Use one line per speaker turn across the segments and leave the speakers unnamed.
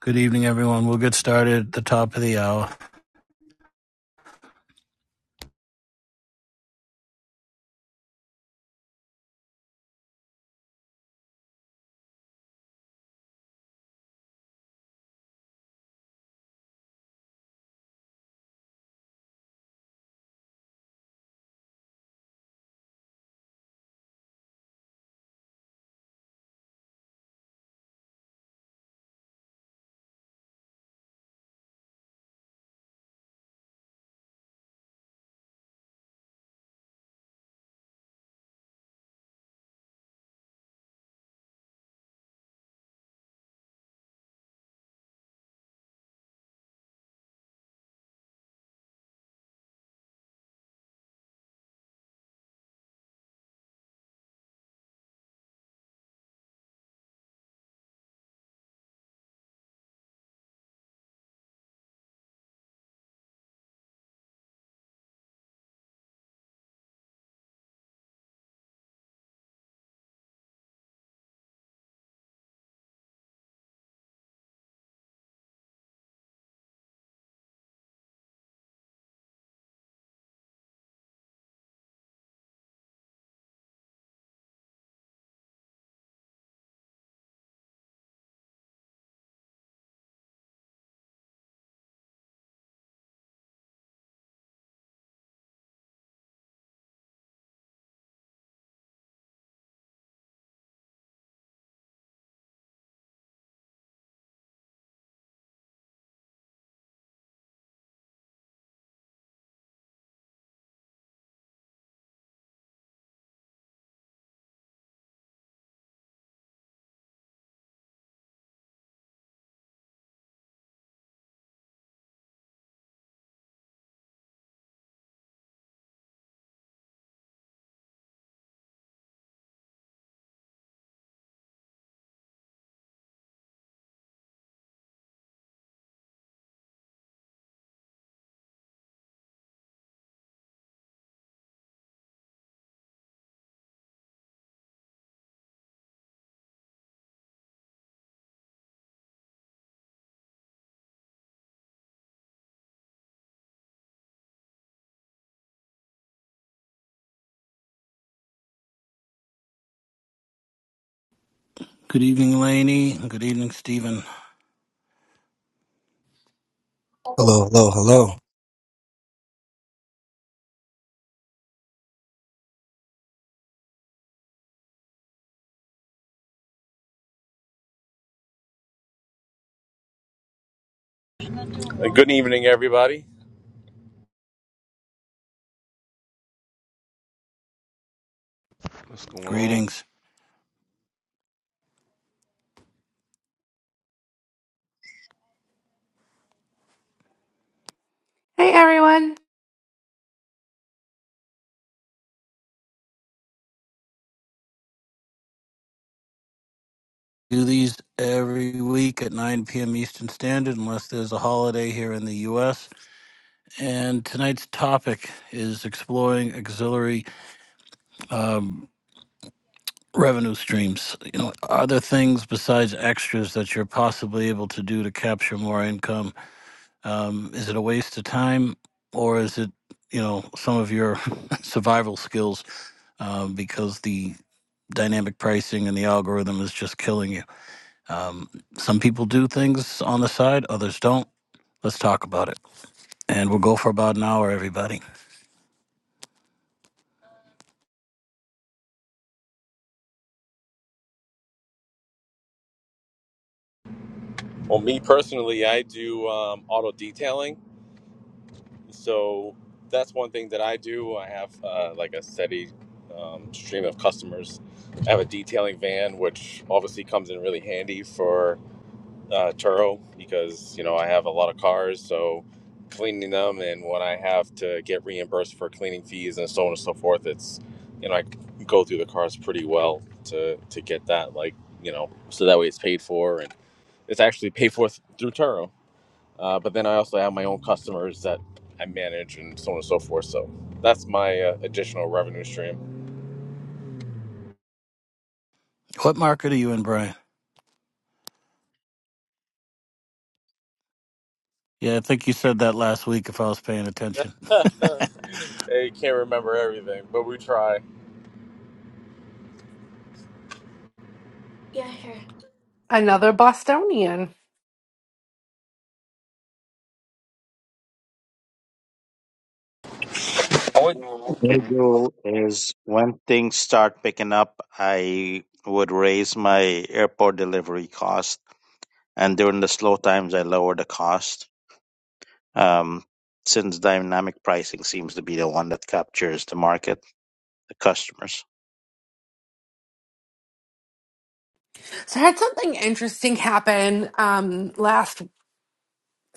Good evening, everyone. We'll get started at the top of the hour. Good evening, Lainey. Good evening, Stephen.
Hello, hello, hello.
Uh, Good evening, everybody.
What's going on?
Greetings.
Hey everyone.
Do these every week at 9 p.m. Eastern Standard, unless there's a holiday here in the U.S. And tonight's topic is exploring auxiliary um, revenue streams. You know, are there things besides extras that you're possibly able to do to capture more income? Um, is it a waste of time, or is it, you know, some of your survival skills? um, because the dynamic pricing and the algorithm is just killing you. Um, some people do things on the side, others don't. Let's talk about it. And we'll go for about an hour, everybody.
Well, me personally, I do um, auto detailing, so that's one thing that I do. I have uh, like a steady um, stream of customers. I have a detailing van, which obviously comes in really handy for uh, Turo because you know I have a lot of cars, so cleaning them and when I have to get reimbursed for cleaning fees and so on and so forth, it's you know I go through the cars pretty well to to get that like you know so that way it's paid for and It's actually paid for th- through Turo. Uh, but then I also have my own customers that I manage and so on and so forth. So that's my uh, additional revenue stream.
What market are you in, Brian? Yeah, I think you said that last week if I was paying attention.
I can't remember everything, but we try.
Yeah. Another Bostonian.
I would-
I do is when things start picking up, I would raise my airport delivery cost, and during the slow times, I lower the cost. Um, since dynamic pricing seems to be the one that captures the market, the customers.
So I had something interesting happen um last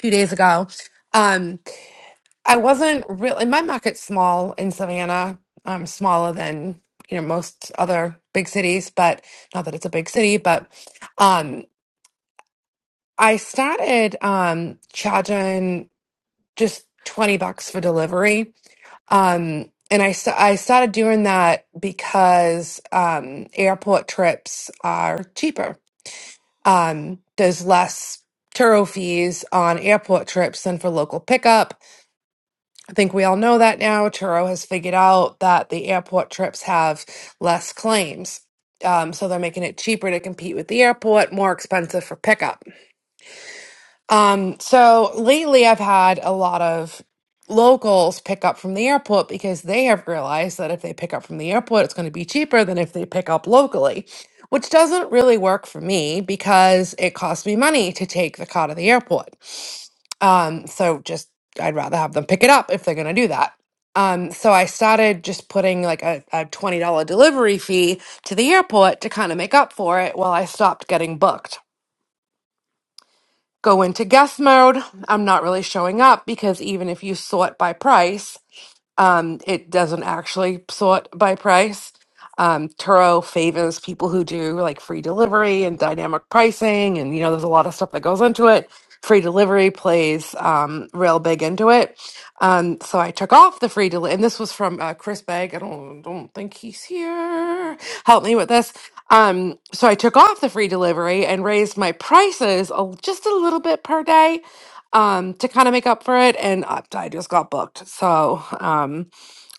few days ago. Um I wasn't real and my market's small in Savannah, um smaller than you know most other big cities, but not that it's a big city, but um I started um charging just 20 bucks for delivery. Um and I, sta- I started doing that because um, airport trips are cheaper Um, there's less Turo fees on airport trips than for local pickup. I think we all know that now. Turo has figured out that the airport trips have less claims. Um, so they're making it cheaper to compete with the airport, more expensive for pickup. Um, so lately I've had a lot of locals pick up from the airport because they have realized that if they pick up from the airport, it's going to be cheaper than if they pick up locally, which doesn't really work for me because it costs me money to take the car to the airport. Um, so just I'd rather have them pick it up if they're going to do that. Um, so I started just putting like a, a $20 delivery fee to the airport to kind of make up for it while I stopped getting booked go into guest mode. I'm not really showing up because even if you sort by price, um, it doesn't actually sort by price um, Turo favors people who do like free delivery and dynamic pricing, and you know, there's a lot of stuff that goes into it. Free delivery plays um, real big into it. Um, so I took off the free delivery, and this was from uh, Chris Begg. I don't don't think he's here. Help me with this. Um, so I took off the free delivery and raised my prices a, just a little bit per day um to kind of make up for it and I, I just got booked so um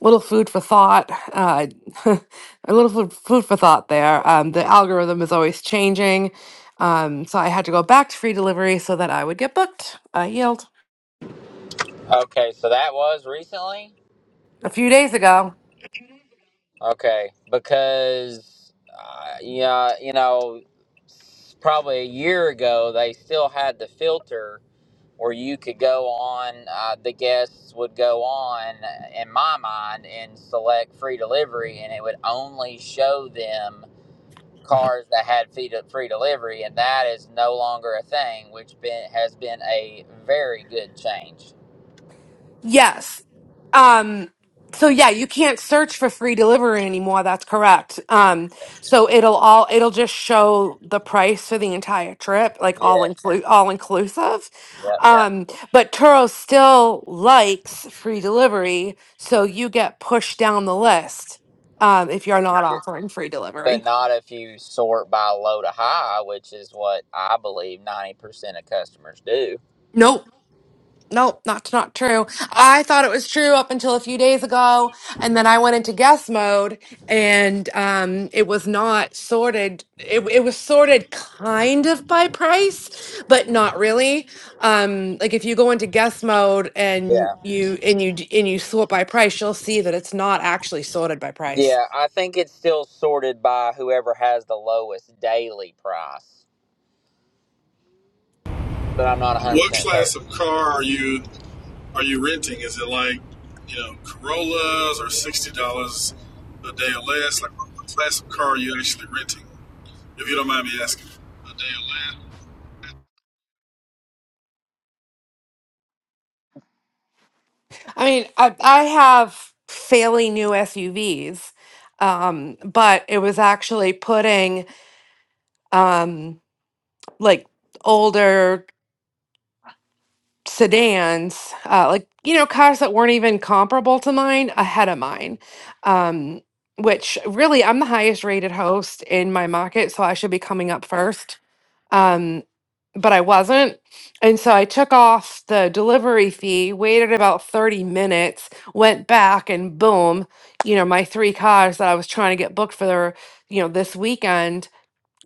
little food for thought. Uh, a little food, food for thought there. Um, the algorithm is always changing. Um, so I had to go back to free delivery so that I would get booked. I yield.
Okay, so that was recently.
A few days ago.
Okay, because uh, yeah, you know, s- probably a year ago they still had the filter where you could go on. Uh, the guests would go on, in my mind, and select free delivery, and it would only show them cars that had free, free delivery, and that is no longer a thing, which been, has been a very good change.
Yes. Um, so yeah, you can't search for free delivery anymore. That's correct. Um,
Yes.
so it'll all it'll just show the price for the entire trip, like all
Yes.
include all inclusive.
Yep.
Yeah. Um, but Turo still likes free delivery, so you get pushed down the list um, if you're not offering free
but
delivery.
not if you sort by low to high, which is what I believe 90% of customers do.
nope. Nope, that's not true. I thought it was true up until a few days ago, and then I went into guess mode, and um, it was not sorted. It, it was sorted kind of by price, but not really. Um, like if you go into guess mode and
Yeah.
you and you d- and you sort by price, you'll see that it's not actually sorted by price.
Yeah, I think it's still sorted by whoever has the lowest daily price, but I'm not
What
100%
class
certain.
of car are you are you renting? Is it like you know Corollas or sixty dollars a day or less? Like what class of car are you actually renting? If you don't mind me asking.
I mean, I, I have fairly new SUVs, um, but it was actually putting um, like older sedans, uh, like you know, cars that weren't even comparable to mine ahead of mine. Um, which really, I'm the highest rated host in my market, so I should be coming up first. Um, but I wasn't, and so I took off the delivery fee, waited about 30 minutes, went back, and boom, you know, my three cars that I was trying to get booked for their, you know, this weekend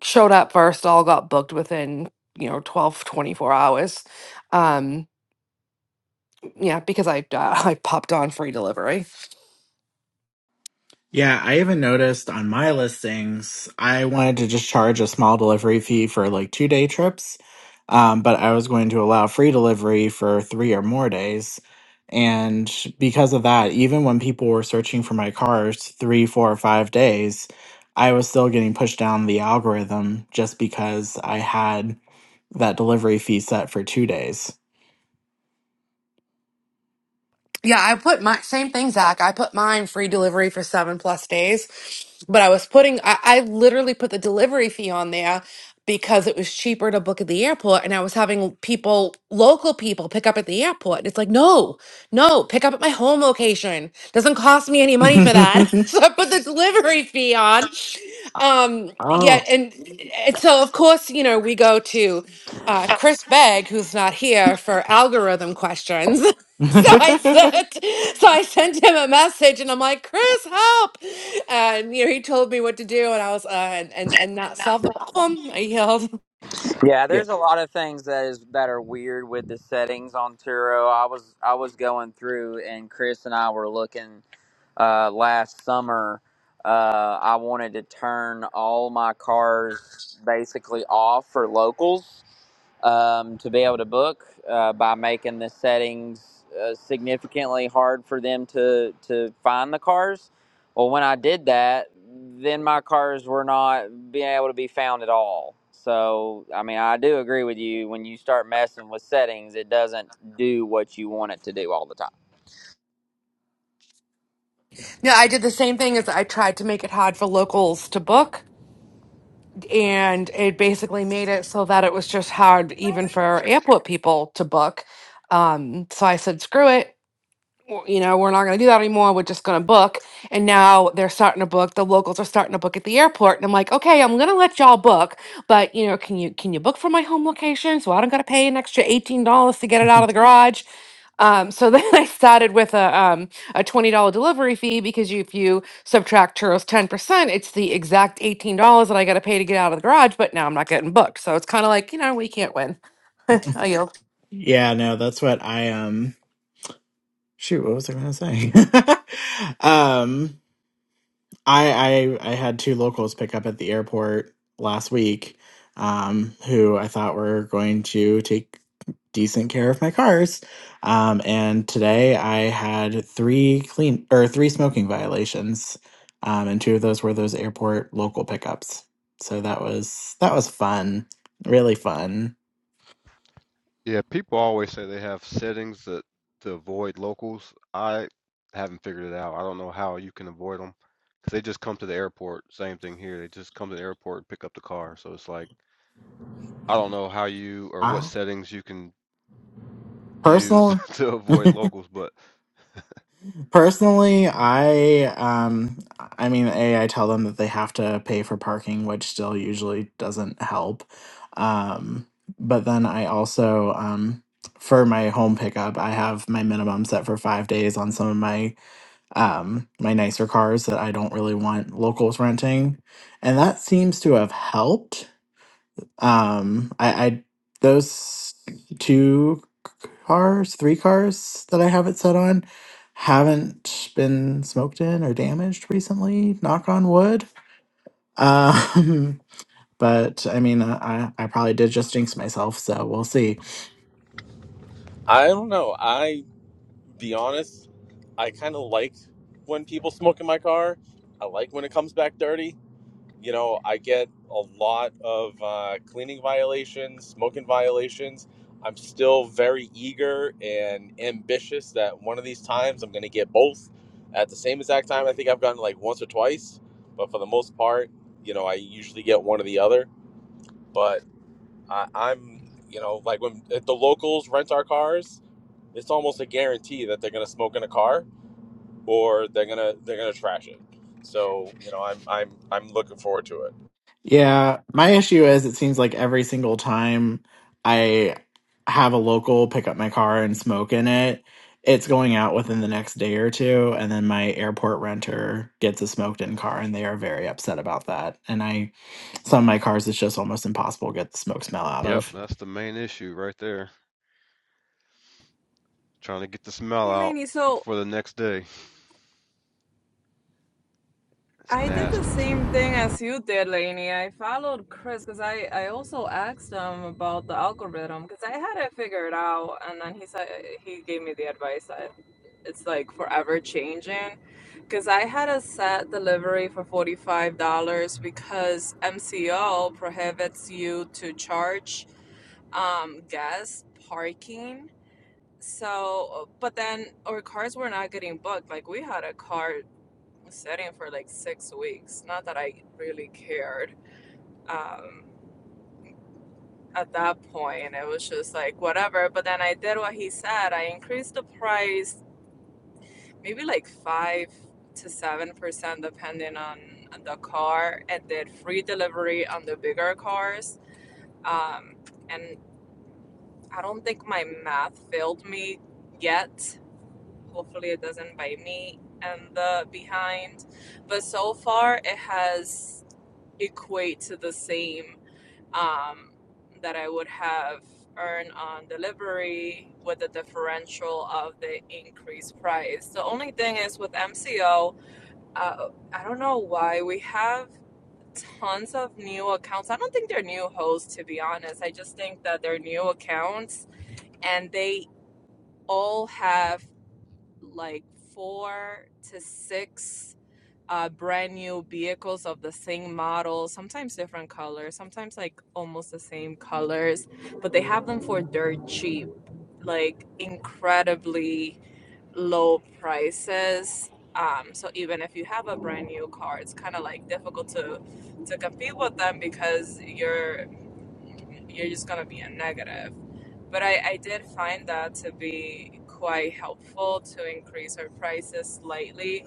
showed up first, all got booked within you know 12 24 hours um yeah, because I uh, I popped on free delivery.
Yeah, I even noticed on my listings, I wanted to just charge a small delivery fee for like two day trips, um, but I was going to allow free delivery for three or more days. And because of that, even when people were searching for my cars three, four, or five days, I was still getting pushed down the algorithm just because I had that delivery fee set for two days.
Yeah, I put my same thing, Zach. I put mine free delivery for seven plus days, but I was putting, I, I literally put the delivery fee on there because it was cheaper to book at the airport. And I was having people, local people, pick up at the airport. And it's like, no, no, pick up at my home location. Doesn't cost me any money for that. so I put the delivery fee on. Um, yeah.
Oh.
And, and so, of course, you know, we go to, uh, Chris Begg, who's not here for algorithm questions. So I sent, so I sent him a message, and I'm like, "Chris, help!" And you know, he told me what to do, and I was, uh, and and and that solved the problem. I yelled.
Yeah,
yeah.
there's a lot of things that is that are weird with the settings on Turo. I was I was going through and Chris and I were looking uh, last summer, uh, I wanted to turn all my cars basically off for locals um, to be able to book uh, by making the settings uh, significantly hard for them to, to find the cars. Well, when I did that, then my cars were not being able to be found at all. So, I mean, I do agree with you. When you start messing with settings, it doesn't do what you want it to do all the time.
No, I did the same thing as I tried to make it hard for locals to book, and it basically made it so that it was just hard even
course.
for airport people to book. Um, so I said, "Screw it." w- you know, we're not going to do that anymore. We're just going to book. And now they're starting to book. The locals are starting to book at the airport. And I'm like, okay, I'm going to let y'all book, but you know, can you can you book for my home location so I don't got to pay an extra eighteen dollars to get it out of the garage? Um, so then I started with a um, a twenty dollar delivery fee because you, if you subtract churros ten percent, it's the exact eighteen dollars that I got to pay to get out of the garage. But now I'm not getting booked, so it's kind of like you know we can't win. I yield.
Yeah, no, that's what I um shoot, what was I gonna say? um I I I had two locals pick up at the airport last week, um, who I thought were going to take decent care of my cars. Um, and today I had three clean or three smoking violations. Um, and two of those were those airport local pickups. So that was that was fun. Really fun.
Yeah, people always say they have settings that to avoid locals. I haven't figured it out. I don't know how you can avoid them because they just come to the airport. Same thing here. They just come to the airport and pick up the car. So it's like I don't know how you or what
I
settings you can use
personally,
to avoid locals. But
personally, I um, I mean, a I tell them that they have to pay for parking, which still usually doesn't help. Um, but then I also um, for my home pickup, I have my minimum set for five days on some of my um my nicer cars that I don't really want locals renting, and that seems to have helped. Um, I, I those two cars, three cars that I have it set on haven't been smoked in or damaged recently, knock on wood. Um, but I mean, I, I probably did just jinx myself, so we'll see.
I don't know. I be honest, I kind of like when people smoke in my car. I like when it comes back dirty. You know, I get a lot of uh, cleaning violations, smoking violations. I'm still very eager and ambitious that one of these times I'm going to get both at the same exact time. I think I've gotten like once or twice, but for the most part, you know, I usually get one or the other. But I, I'm, you know, like when if the locals rent our cars, it's almost a guarantee that they're going to smoke in a car or they're going to they're going to trash it. So, you know, I'm I'm I'm looking forward to it.
Yeah, my issue is it seems like every single time I have a local pick up my car and smoke in it, it's going out within the next day or two, and then my airport renter gets a smoked in car, and they are very upset about that. And I, some of my cars, it's just almost impossible to get the smoke smell out
yep,
of.
that's the main issue right there. Trying to get the smell
Hey,
out
Lainey. So
for the next day. It's
I did the
nasty too.
same thing as you did, Lainey. I followed Chris because I, I also asked him about the algorithm because I had it figured out. And then he said, he gave me the advice that it's like forever changing because I had a set delivery for $45 because MCO prohibits you to charge um gas parking so but then our cars were not getting booked like we had a car Setting for like six weeks. Not that I really cared. Um, at that point, it was just like whatever. But then I did what he said. I increased the price, maybe like five to seven percent, depending on the car, and did free delivery on the bigger cars. Um, and I don't think my math failed me yet Hopefully, it doesn't bite me and the behind. But so far, it has equate to the same um, that I would have earned on delivery with the differential of the increased price. The only thing is with MCO, uh, I don't know why we have tons of new accounts. I don't think they're new hosts, to be honest. I just think that they're new accounts and they all have like four to six uh, brand new vehicles of the same model, sometimes different colors, sometimes like almost the same colors, but they have them for dirt cheap, like incredibly low prices. Um, so even if you have a brand new car, it's kind of like difficult to to compete with them because you're you're just gonna be a negative. But I, I did find that to be quite helpful to increase our prices slightly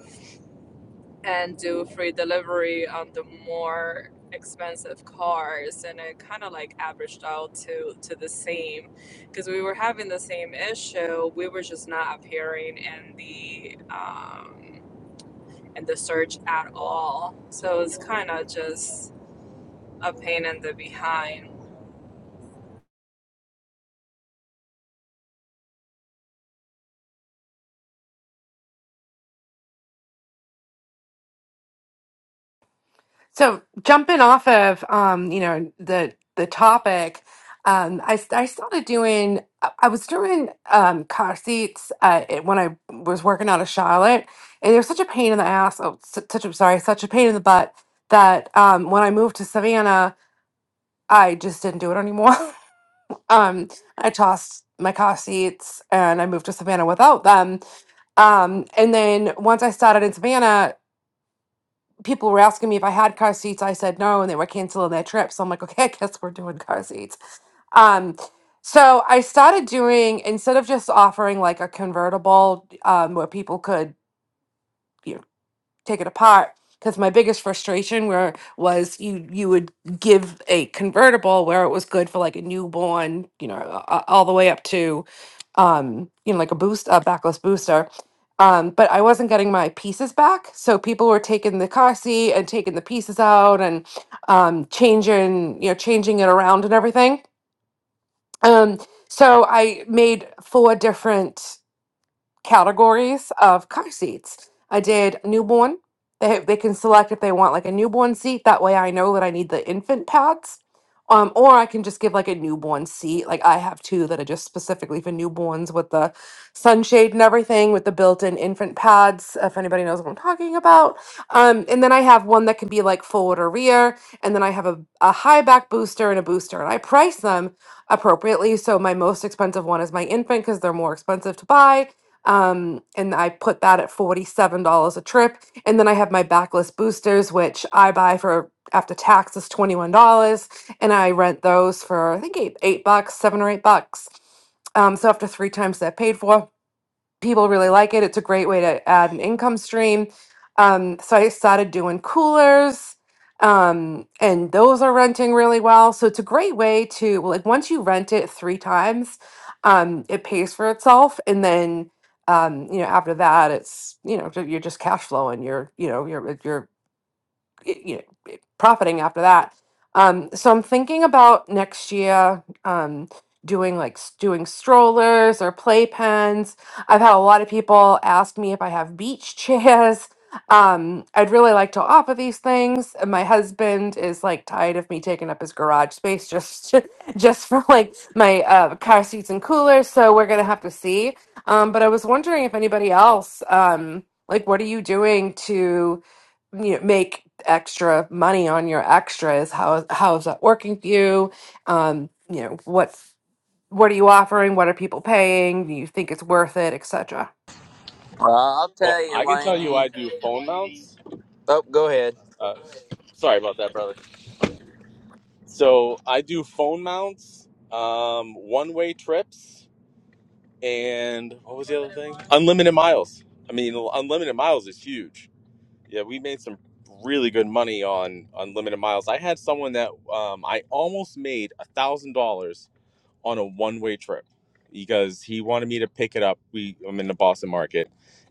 and do free delivery on the more expensive cars and it kind of like averaged out to to the same because we were having the same issue we were just not appearing in the um in the search at all so it's kind of just a pain in the behind
So jumping off of um, you know the the topic, um, I I started doing I I was doing um, car seats uh, it- when I was working out of Charlotte, and it was such a pain in the ass. Oh, su- such a sorry, such a pain in the butt that um, when I moved to Savannah, I just didn't do it anymore. um, I tossed my car seats and I moved to Savannah without them. Um, and then once I started in Savannah people were asking me if I had car seats. I said no, and they were canceling their trips. So I'm like, okay, I guess we're doing car seats. Um, so I started doing instead of just offering like a convertible um, where people could take it apart because my biggest frustration where was you you would give a convertible where it was good for like a newborn you know a- a- all the way up to um you know like a boost a backless booster um but i wasn't getting my pieces back so people were taking the car seat and taking the pieces out and um changing you know changing it around and everything um so i made four different categories of car seats. I did newborn. They, they can select if they want like a newborn seat. That way I know that I need the infant pads. Um, or I can just give like a newborn seat. Like I have two that are just specifically for newborns with the sunshade and everything with the built-in infant pads, if anybody knows what I'm talking about. Um, and then I have one that can be like forward or rear, and then I have a, a high back booster and a booster, and I price them appropriately. So my most expensive one is my infant because they're more expensive to buy um, and I put that at $47 a trip. And then I have my backlist boosters, which I buy for after taxes $21. And I rent those for I think eight eight bucks, seven or eight bucks. Um, so after three times they're paid for people really like it. It's a great way to add an income stream. Um, so I started doing coolers, um, and those are renting really well. So it's a great way to well, like once you rent it three times, um, it pays for itself, and then um, you know after that, it's you know ju- you're just cash flowing. You're you know you're you're you know profiting after that um so i'm thinking about next year um doing like s- doing strollers or playpens i've had a lot of people ask me if i have beach chairs um i'd really like to offer these things and my husband is like tired of me taking up his garage space just just for like my uh car seats and coolers so we're gonna have to see um but i was wondering if anybody else um like what are you doing to you know, make extra money on your extras how how is that working for you um you know what what are you offering what are people paying do you think it's worth it etc
Well, I'll
Well,
tell
I
you,
can tell you I
Laney.
do phone mounts.
Oh, go ahead.
Uh, sorry about that, brother. So I do phone mounts, um, one way trips, and what was the other thing? Unlimited miles. I mean, unlimited miles is huge. Yeah, we made some really good money on unlimited miles. I had someone that um, I almost made a $1,000 on a one way trip because he wanted me to pick it up. We I'm in the Boston market,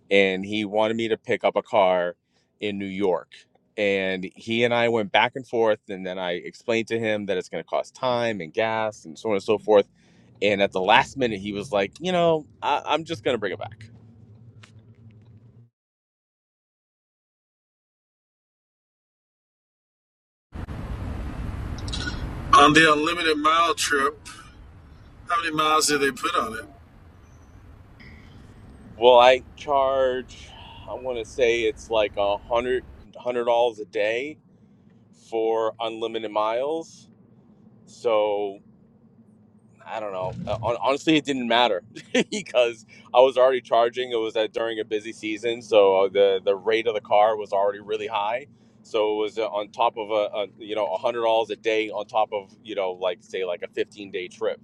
and he wanted me to pick up a car in New York. And he and I went back and forth, and then I explained to him that it's going to cost time and gas and so on and so forth. And at the last minute, he was like, you know, I, I'm just going to bring it back.
On the unlimited mile trip, how many miles did they put on it?
Well, I charge, I want to say it's like a hundred hundred dollars a day for unlimited miles. So I don't know. Uh, hon- Honestly, it didn't matter because I was already charging. It was uh, during a busy season, so uh, the the rate of the car was already really high. So it was uh, on top of a, a you know a hundred dollars a day on top of you know like say like a fifteen day trip.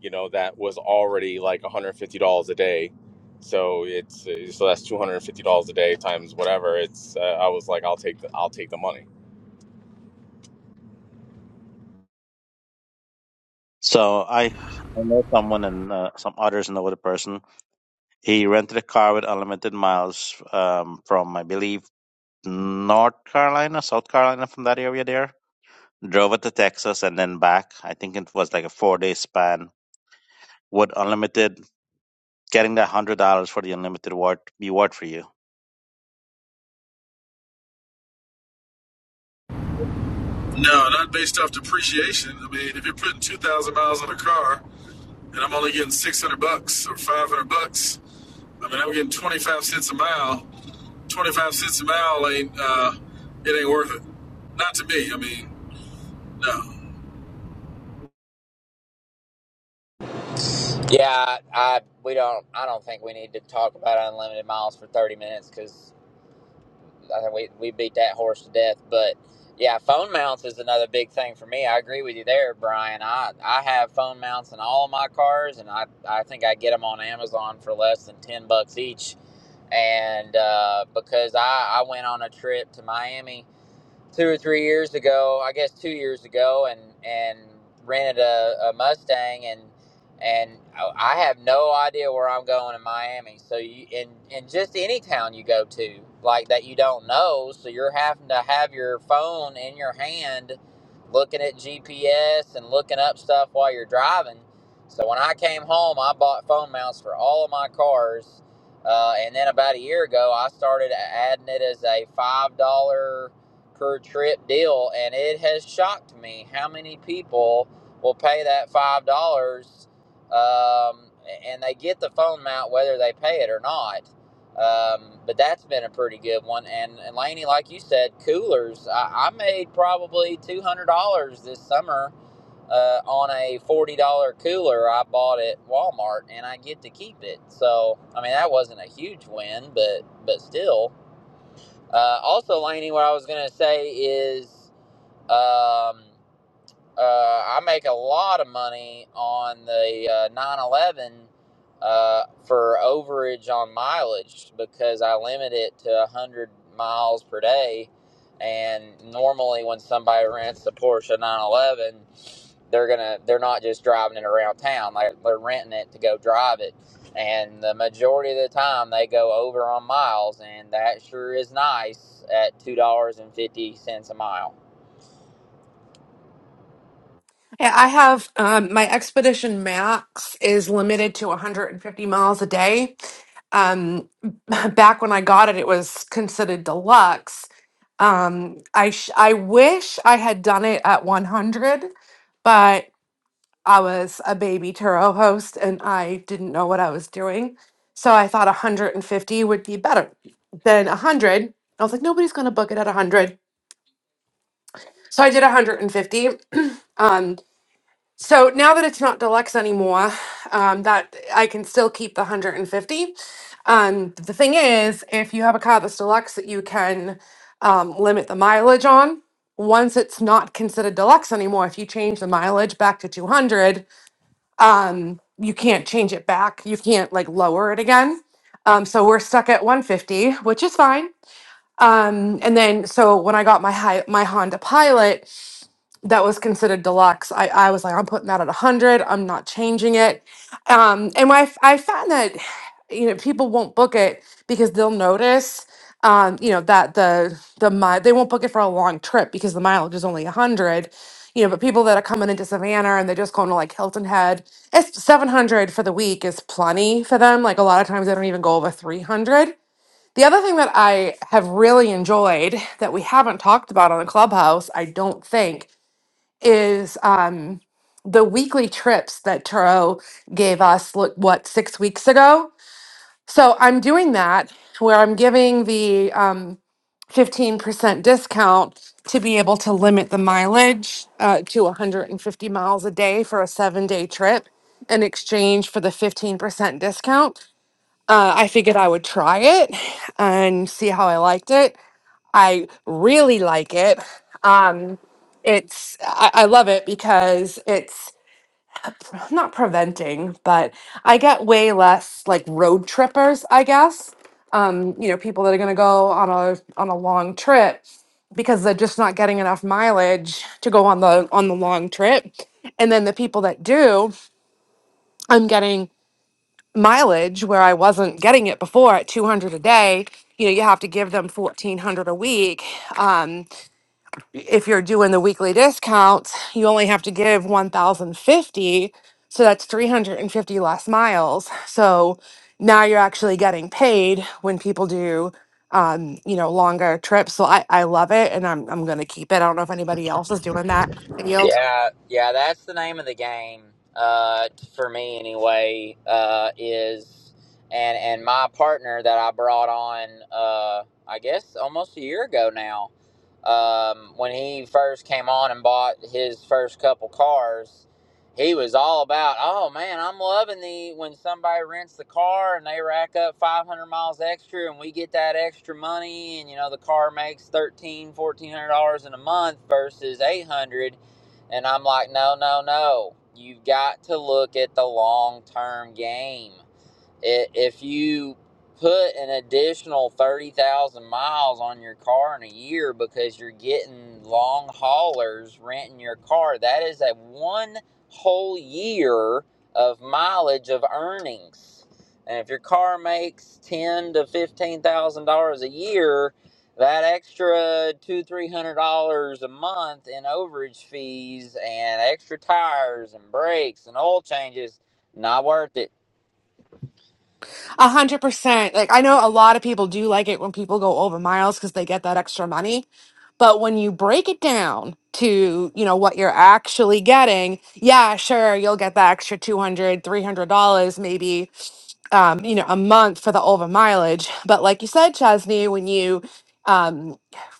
You know that was already like one hundred fifty dollars a day. So it's uh, so that's two hundred fifty dollars a day times whatever. It's uh, I was like I'll take the I'll take the money.
So I, I know someone and uh, some others know the person. He rented a car with unlimited miles um, from, I believe, North Carolina, South Carolina, from that area there drove it to Texas and then back. I think it was like a four day span with unlimited, getting that hundred dollars for the unlimited word be worth for you.
No, not based off depreciation. I mean, if you're putting two thousand miles on a car and I'm only getting six hundred bucks or five hundred bucks, I mean I'm getting twenty five cents a mile. Twenty five cents a mile ain't uh, it ain't worth it. Not to me. I mean, no.
Yeah, I we don't. I don't think we need to talk about unlimited miles for thirty minutes because I think we we beat that horse to death. But yeah, phone mounts is another big thing for me. I agree with you there, Brian. I I have phone mounts in all of my cars, and I I think I get them on Amazon for less than ten bucks each. And uh, because I I went on a trip to Miami two or three years ago, I guess two years ago, and and rented a, a Mustang, and and I have no idea where I'm going in Miami. So you in in just any town you go to, like that you don't know, so you're having to have your phone in your hand, looking at GPS and looking up stuff while you're driving. So when I came home, I bought phone mounts for all of my cars. Uh, and then about a year ago, I started adding it as a five dollar per trip deal, and it has shocked me how many people will pay that five dollars, um, and they get the phone mount whether they pay it or not. Um, but that's been a pretty good one. And, and Laney, like you said, coolers. I, I made probably two hundred dollars this summer uh, on a forty dollar cooler I bought at Walmart, and I get to keep it. So I mean, that wasn't a huge win, but but still uh, also, Laney, what I was gonna say is, um, uh, I make a lot of money on the uh, 911 uh, for overage on mileage because I limit it to 100 miles per day. And normally, when somebody rents a Porsche 911, they're gonna they're not just driving it around town; like they're renting it to go drive it. And the majority of the time, they go over on miles, and that sure is nice at two dollars and fifty cents a mile.
yeah i have um my expedition max is limited to 150 miles a day um back when i got it it was considered deluxe um i sh- i wish i had done it at 100 but. I was a baby Turo host and I didn't know what I was doing. So I thought 150 would be better than 100. I was like, nobody's going to book it at 100. So I did 150. Um, so now that it's not deluxe anymore, um, that I can still keep the 150. Um, the thing is, if you have a car that's deluxe that you can um, limit the mileage on, once it's not considered deluxe anymore, if you change the mileage back to 200, um, you can't change it back. You can't like lower it again. Um, so we're stuck at 150, which is fine. Um, and then so when I got my high, my Honda Pilot, that was considered deluxe. I, I was like, I'm putting that at 100. I'm not changing it. Um, and I, f- I found that, you know, people won't book it because they'll notice, um, you know, that the, the, mi- they won't book it for a long trip because the mileage is only 100, you know, but people that are coming into Savannah and they're just going to like Hilton Head, it's 700 for the week is plenty for them. Like a lot of times they don't even go over 300. The other thing that I have really enjoyed that we haven't talked about on the clubhouse, I don't think, is um, the weekly trips that Turo gave us, look, what, six weeks ago? So I'm doing that where I'm giving the um, 15% discount to be able to limit the mileage uh, to 150 miles a day for a seven day trip in exchange for the 15% discount. Uh, I figured I would try it and see how I liked it. I really like it. Um, it's I, I love it because it's not preventing, but I get way less like road trippers, I guess. Um, you know, people that are going to go on a on a long trip because they're just not getting enough mileage to go on the on the long trip. And then the people that do, I'm getting mileage where I wasn't getting it before at 200 a day. You know, you have to give them 1400 a week. Um if you're doing the weekly discounts, you only have to give 1,050. So that's 350 less miles. So now you're actually getting paid when people do, um, you know, longer trips. So I, I love it and I'm, I'm going to keep it. I don't know if anybody else is doing that. I Yield.
Yeah, yeah, that's the name of the game uh, for me anyway. Uh, is and and my partner that I brought on, uh, I guess almost a year ago now, um, when he first came on and bought his first couple cars, he was all about, oh man, I'm loving the when somebody rents the car and they rack up 500 miles extra and we get that extra money and you know the car makes 13, 1400 dollars in a month versus 800 and I'm like, no, no, no. You've got to look at the long term game if you put an additional 30,000 miles on your car in a year because you're getting long haulers renting your car, that is a one whole year of mileage of earnings. And if your car makes ten to fifteen thousand dollars a year, that extra two three hundred dollars a month in overage fees and extra tires and brakes and oil changes, not worth it.
A hundred percent. Like I know a lot of people do like it when people go over miles because they get that extra money. But when you break it down to, you know, what you're actually getting, yeah, sure, you'll get that extra two hundred, three hundred dollars maybe um, you know, a month for the over mileage. But like you said, Chesney, when you um,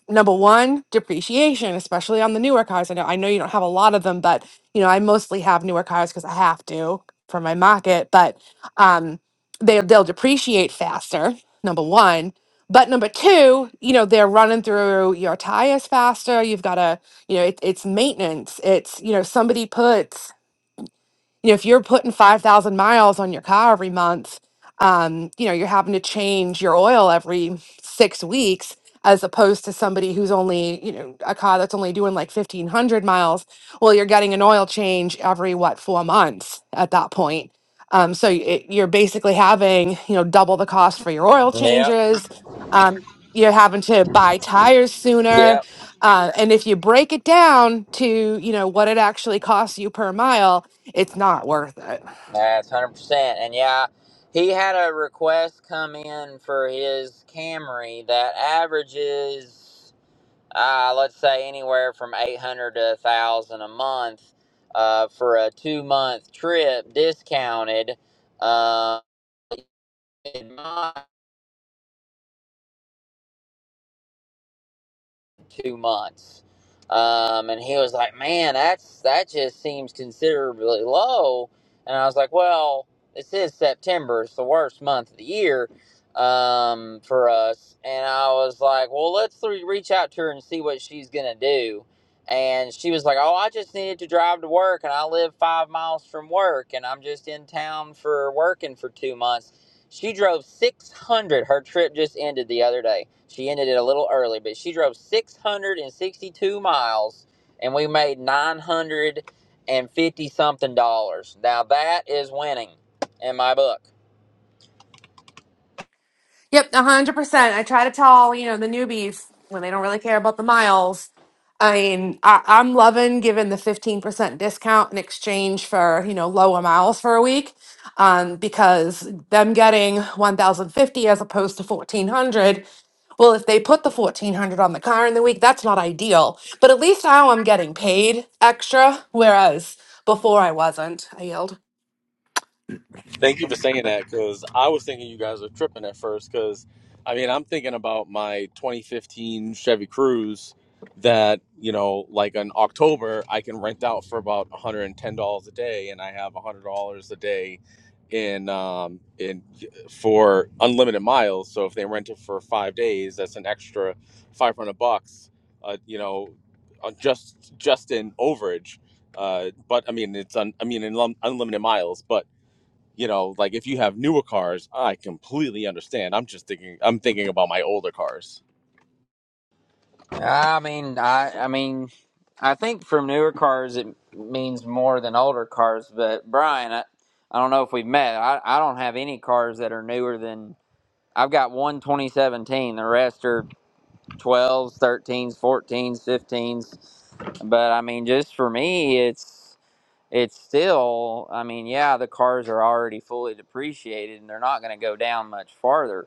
number one, depreciation, especially on the newer cars. I know I know you don't have a lot of them, but you know, I mostly have newer cars because I have to for my market, but um they they'll depreciate faster, number one. But number two, you know, they're running through your tires faster. You've got to, you know, it, it's maintenance. It's, you know, somebody puts you know if you're putting 5000 miles on your car every month um, you know you're having to change your oil every six weeks as opposed to somebody who's only you know a car that's only doing like 1500 miles well you're getting an oil change every what four months at that point um, so it, you're basically having you know double the cost for your oil
Yeah.
changes um, you're having to buy tires sooner
Yep,
uh, and if you break it down to you know what it actually costs you per mile it's not worth it.
that's hundred percent. And yeah, he had a request come in for his Camry that averages, uh, let's say, anywhere from eight hundred to a thousand a month uh, for a two month trip, discounted. Uh, two months. Um, and he was like, man, that's that just seems considerably low. And I was like, well, this is September. It's the worst month of the year um, for us. And I was like, well, let's re- reach out to her and see what she's going to do. And she was like, oh, I just needed to drive to work. And I live five miles from work. And I'm just in town for working for two months. She drove 600. Her trip just ended the other day. She ended it a little early, but she drove 662 miles and we made 950 something dollars. Now that is winning in my book.
Yep, 100%. I try to tell, you know, the newbies when they don't really care about the miles. I mean, I, I'm loving giving the 15% discount in exchange for, you know, lower miles for a week um, because them getting 1,050 as opposed to 1,400. Well, if they put the 1,400 on the car in the week, that's not ideal. But at least now I'm getting paid extra, whereas before I wasn't. I yield.
Thank you for saying that because I was thinking you guys were tripping at first. Because I mean, I'm thinking about my 2015 Chevy Cruze that you know, like in October, I can rent out for about $110 a day, and I have $100 a day in um in for unlimited miles. So if they rent it for five days, that's an extra 500 bucks. Uh, you know, uh, just just in overage. Uh, but I mean, it's un, I mean, in lum- unlimited miles, but you know like if you have newer cars i completely understand i'm just thinking i'm thinking about my older cars
I mean, I I mean, I think for newer cars it means more than older cars, but Brian, I, I don't know if we've met. I, I don't have any cars that are newer than I've got one 2017. The rest are 12s, 13s, 14s, 15s. But I mean, just for me, it's it's still. I mean, yeah, the cars are already fully depreciated, and they're not going to go down much farther.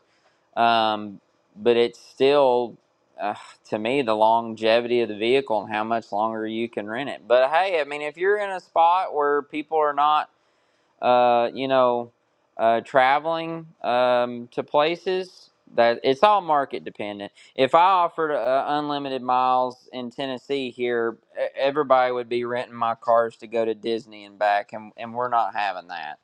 Um, but it's still, uh, to me, the longevity of the vehicle and how much longer you can rent it. But hey, I mean, if you're in a spot where people are not uh, you know, uh, traveling um, to places. That it's all market dependent. If I offered uh, unlimited miles in Tennessee here, e- everybody would be renting my cars to go to Disney and back, and, and we're not having that.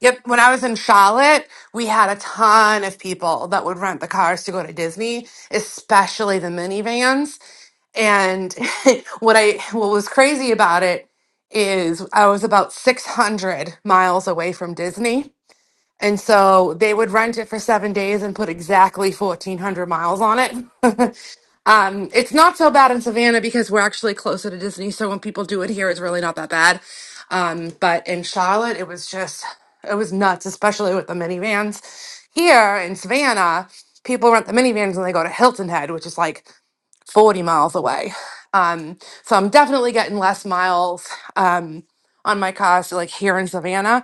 Yep. When I was in Charlotte, we had a ton of people that would rent the cars to go to Disney, especially the minivans. And what I what was crazy about it is I was about 600 miles away from Disney. And so they would rent it for 7 days and put exactly 1400 miles on it. Um, it's not so bad in Savannah because we're actually closer to Disney. So when people do it here, it's really not that bad. Um, but in Charlotte, it was just, it was nuts, especially with the minivans. Here in Savannah, people rent the minivans and they go to Hilton Head, which is like 40 miles away. Um, so I'm definitely getting less miles um, on my car. So, like here in Savannah.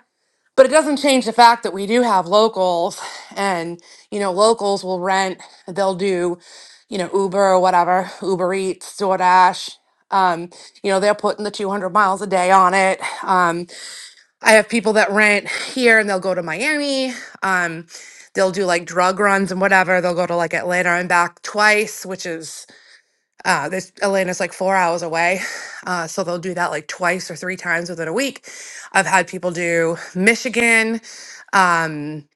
But it doesn't change the fact that we do have locals and, you know, locals will rent, they'll do, you know, Uber or whatever, Uber Eats, DoorDash. Um, you know, they're putting the 200 miles a day on it. Um, I have people that rent here and they'll go to Miami. Um, they'll do like drug runs and whatever. They'll go to like Atlanta and back twice, which is uh, this Atlanta's like four hours away, uh, so they'll do that like twice or three times within a week. I've had people do Michigan, um,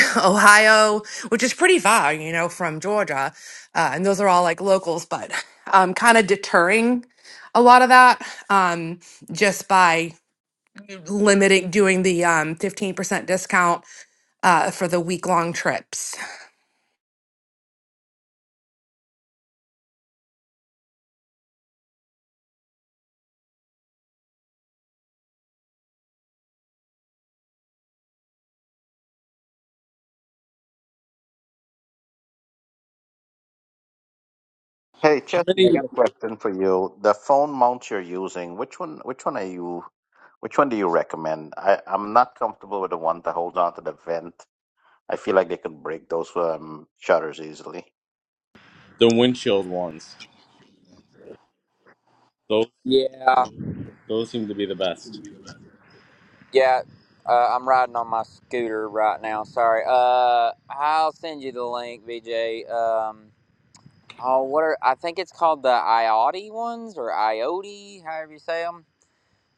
Ohio, which is pretty far, you know, from Georgia, uh, and those are all like locals, but um, kind of deterring a lot of that um, just by limiting doing the um, 15% discount uh, for the week long trips.
Hey
how
Chesney, I
many
got a question for you. The phone mount you're using, which one? Which one are you? Which one do you recommend? I, I'm not comfortable with the one that holds on to the vent. I feel like they could break those um, shutters easily.
the windshield ones those
Yeah,
those seem to be the best
yeah. Uh, I'm riding on my scooter right now. Sorry. Uh, I'll send you the link, VJ. Um, oh, what are I think it's called the IOTI ones or IOTI, however you say them.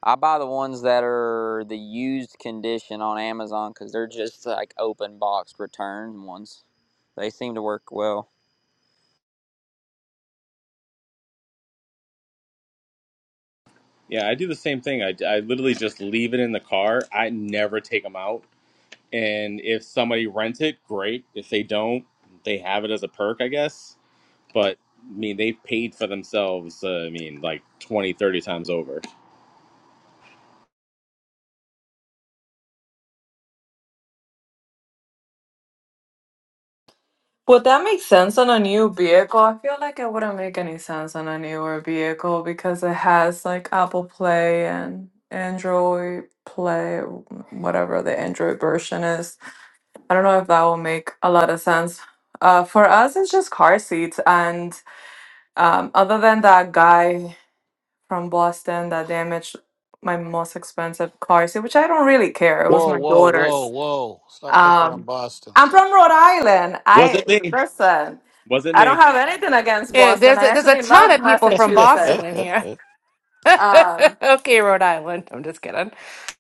I buy the ones that are the used condition on Amazon because they're just like open box return ones. They seem to work well.
yeah i do the same thing i, I literally just leave it in the car i never take them out and if somebody rents it great if they don't they have it as a perk i guess but i mean they've paid for themselves uh, i mean like 20, 30 times over
Would that make sense on a new vehicle? I feel like it wouldn't make any sense on a newer vehicle because it has like Apple Play and Android Play, whatever the Android version is. I don't know if that will make a lot of sense. Uh, for us, it's just car seats. And um, other than that guy from Boston that damaged my most expensive car seat, which I don't really care, it was
Whoa,
my
whoa, whoa,
daughter's.
whoa. Stop picking on
Um,
Boston.
I'm from Rhode Island.
was
I
it me
listen.
was it
I
me
don't have anything against
Yeah,
Boston.
there's
I
a, there's a
actually
ton
love
of people
All
from
Massachusetts.
Boston in here.
Um,
okay, Rhode Island. I'm just kidding.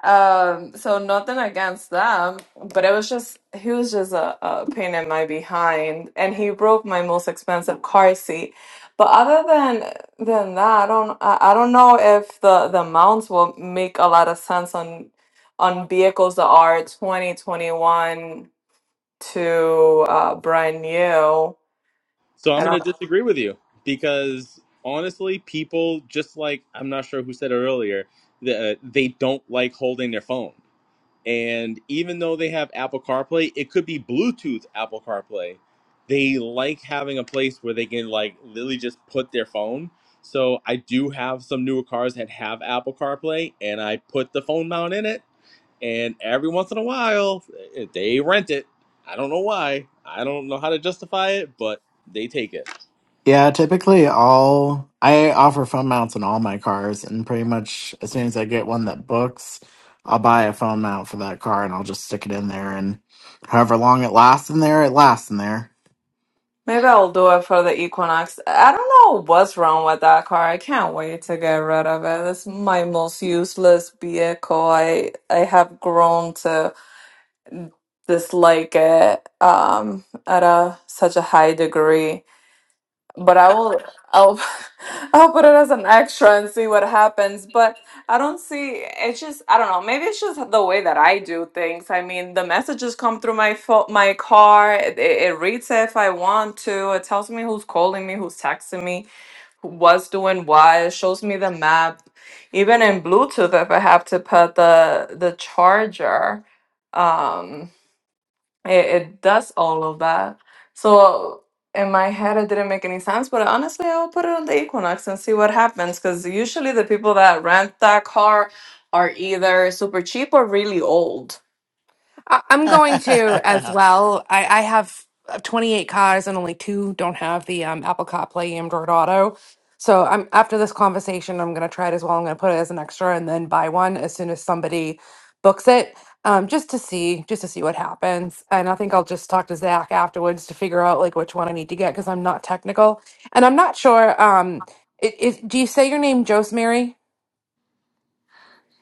um, so nothing against them, but it was just he was just a, a pain in my behind, and he broke my most expensive car seat. But other than than that, I don't I, I don't know if the the amounts will make a lot of sense on on vehicles that are 2021. to uh, Brian Yu.
So I'm
And
going
i
to disagree with you because honestly, people just like I'm not sure who said it earlier that they don't like holding their phone. And even though they have Apple CarPlay, it could be Bluetooth Apple CarPlay. They like having a place where they can like literally just put their phone. So I do have some newer cars that have Apple CarPlay, and I put the phone mount in it. And every once in a while, eh, eh, they rent it. I don't know why. I don't know how to justify it, but they take it.
Yeah, typically all I offer phone mounts in all my cars, and pretty much as soon as I get one that books, I'll buy a phone mount for that car and I'll just stick it in there, and however long it lasts in there, it lasts in there.
maybe I'll do it for the Equinox. I don't know what's wrong with that car. I can't wait to get rid of it. It's my most useless vehicle. I I have grown to dislike it um, at a such a high degree. but I will I'll I'll put it as an extra and see what happens. But I don't see it's just I don't know, maybe it's just the way that I do things. I mean the messages come through my phone my car, it, it it reads it if I want to, it tells me who's calling me, who's texting me, who was doing what, it shows me the map. Even in Bluetooth if I have to put the the charger. Um it, it does all of that. So in my head, it didn't make any sense. But honestly, I'll put it on the Equinox and see what happens. Because usually the people that rent that car are either super cheap or really old.
I- I'm going to as well. I, I have 28 cars and only two don't have the um, Apple CarPlay Android Auto. So I'm after this conversation, I'm going to try it as well. I'm going to put it as an extra and then buy one as soon as somebody books it, um, just to see, just to see what happens. And I think I'll just talk to Zach afterwards to figure out like which one I need to get because I'm not technical and I'm not sure. Um, it, it, do you say your name, Josemary?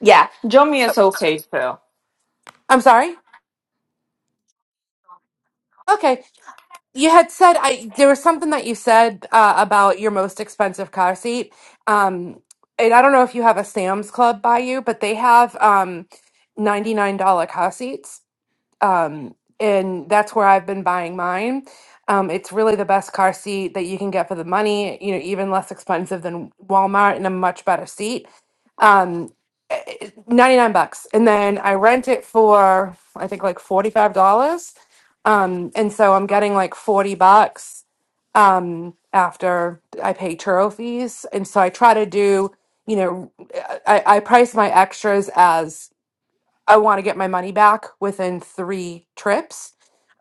Yeah, Jomi
Oh,
is okay too.
I'm sorry. Okay. You had said I there was something that you said uh, about your most expensive car seat. Um, and I don't know if you have a Sam's Club by you, but they have um, $99 car seats. Um, and that's where I've been buying mine. Um, it's really the best car seat that you can get for the money, you know, even less expensive than Walmart and a much better seat. Um, 99 bucks. And then I rent it for I think like $45. Um, and so I'm getting like 40 bucks um, after I pay churro fees. And so I try to do, you know, I, I price my extras as I want to get my money back within three trips.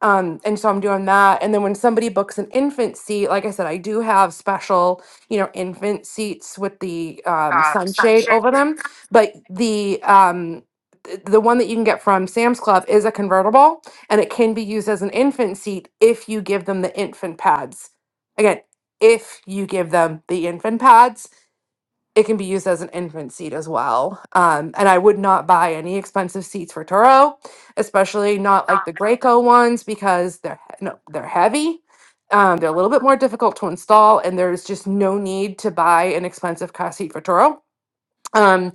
Um, and so I'm doing that. And then when somebody books an infant seat, like I said, I do have special, you know, infant seats with the um, sunshade over them. But the um, th- the one that you can get from Sam's Club is a convertible, and it can be used as an infant seat if you give them the infant pads. Again, if you give them the infant pads it can be used as an infant seat as well. Um, and I would not buy any expensive seats for Turo, especially not like the Graco ones because they're he- no, they're heavy. Um, they're a little bit more difficult to install, and there's just no need to buy an expensive car seat for Turo. Um,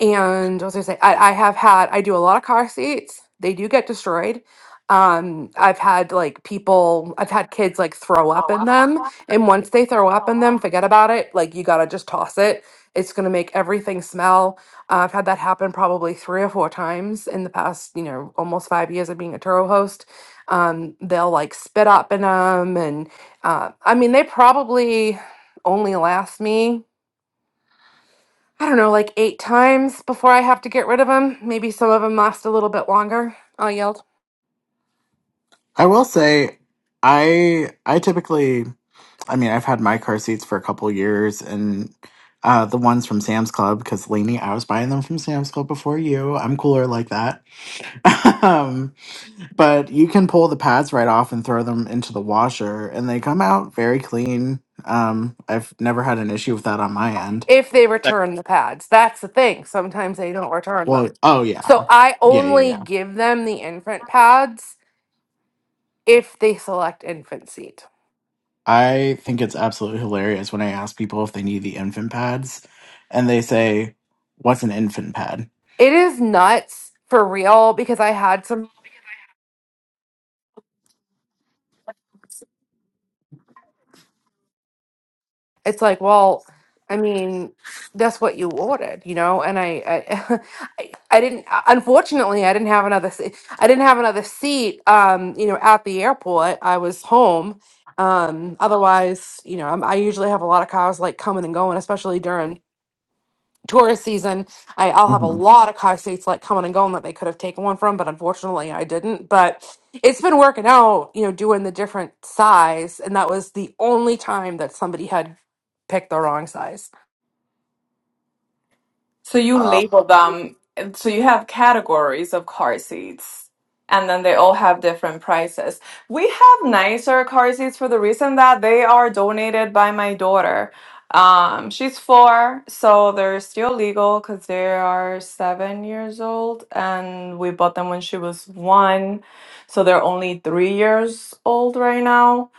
and what was I gonna say? I, I have had I do a lot of car seats. They do get destroyed. Um, I've had like people, I've had kids like throw up in them, and once they throw up in them, forget about it. Like you gotta just toss it. It's gonna make everything smell. Uh, I've had that happen probably three or four times in the past, you know, almost five years of being a Turo host. Um, they'll like spit up in them, and uh, I mean, they probably only last me. I don't know, like eight times before I have to get rid of them. Maybe some of them last a little bit longer. i yelled.
I will say, I I typically I mean, I've had my car seats for a couple years and uh, the ones from Sam's Club, because Lainey, I was buying them from Sam's Club before you. I'm cooler like that. um, but you can pull the pads right off and throw them into the washer, and they come out very clean. Um, I've never had an issue with that on my end.
If they
Second.
return the pads, that's the thing. Sometimes they don't return
Well,
them.
oh,
So
yeah.
I
Yeah, yeah,
only
yeah.
give them the infant pads if they select infant seat.
I think it's absolutely hilarious when I ask people if they need the infant pads, and they say, What's an infant pad?
It is nuts for real because I had some. it's like well i mean that's what you ordered you know and i i, I I didn't uh, unfortunately i didn't have another se- i didn't have another seat um you know at the airport i was home um otherwise you know i i usually have a lot of cars like coming and going especially during tourist season, I, I'll have a lot of car seats like coming and going that they could have taken one from, but unfortunately I didn't. But it's been working out, you know, doing the different size, and that was the only time that somebody had picked the wrong size.
So you
Um,
label them, and so you have categories of car seats, and then they all have different prices. We have nicer car seats for the reason that they are donated by my daughter. Um, she's four, so they're still legal because they are seven years old, and we bought them when she was one, so they're only three years old right now.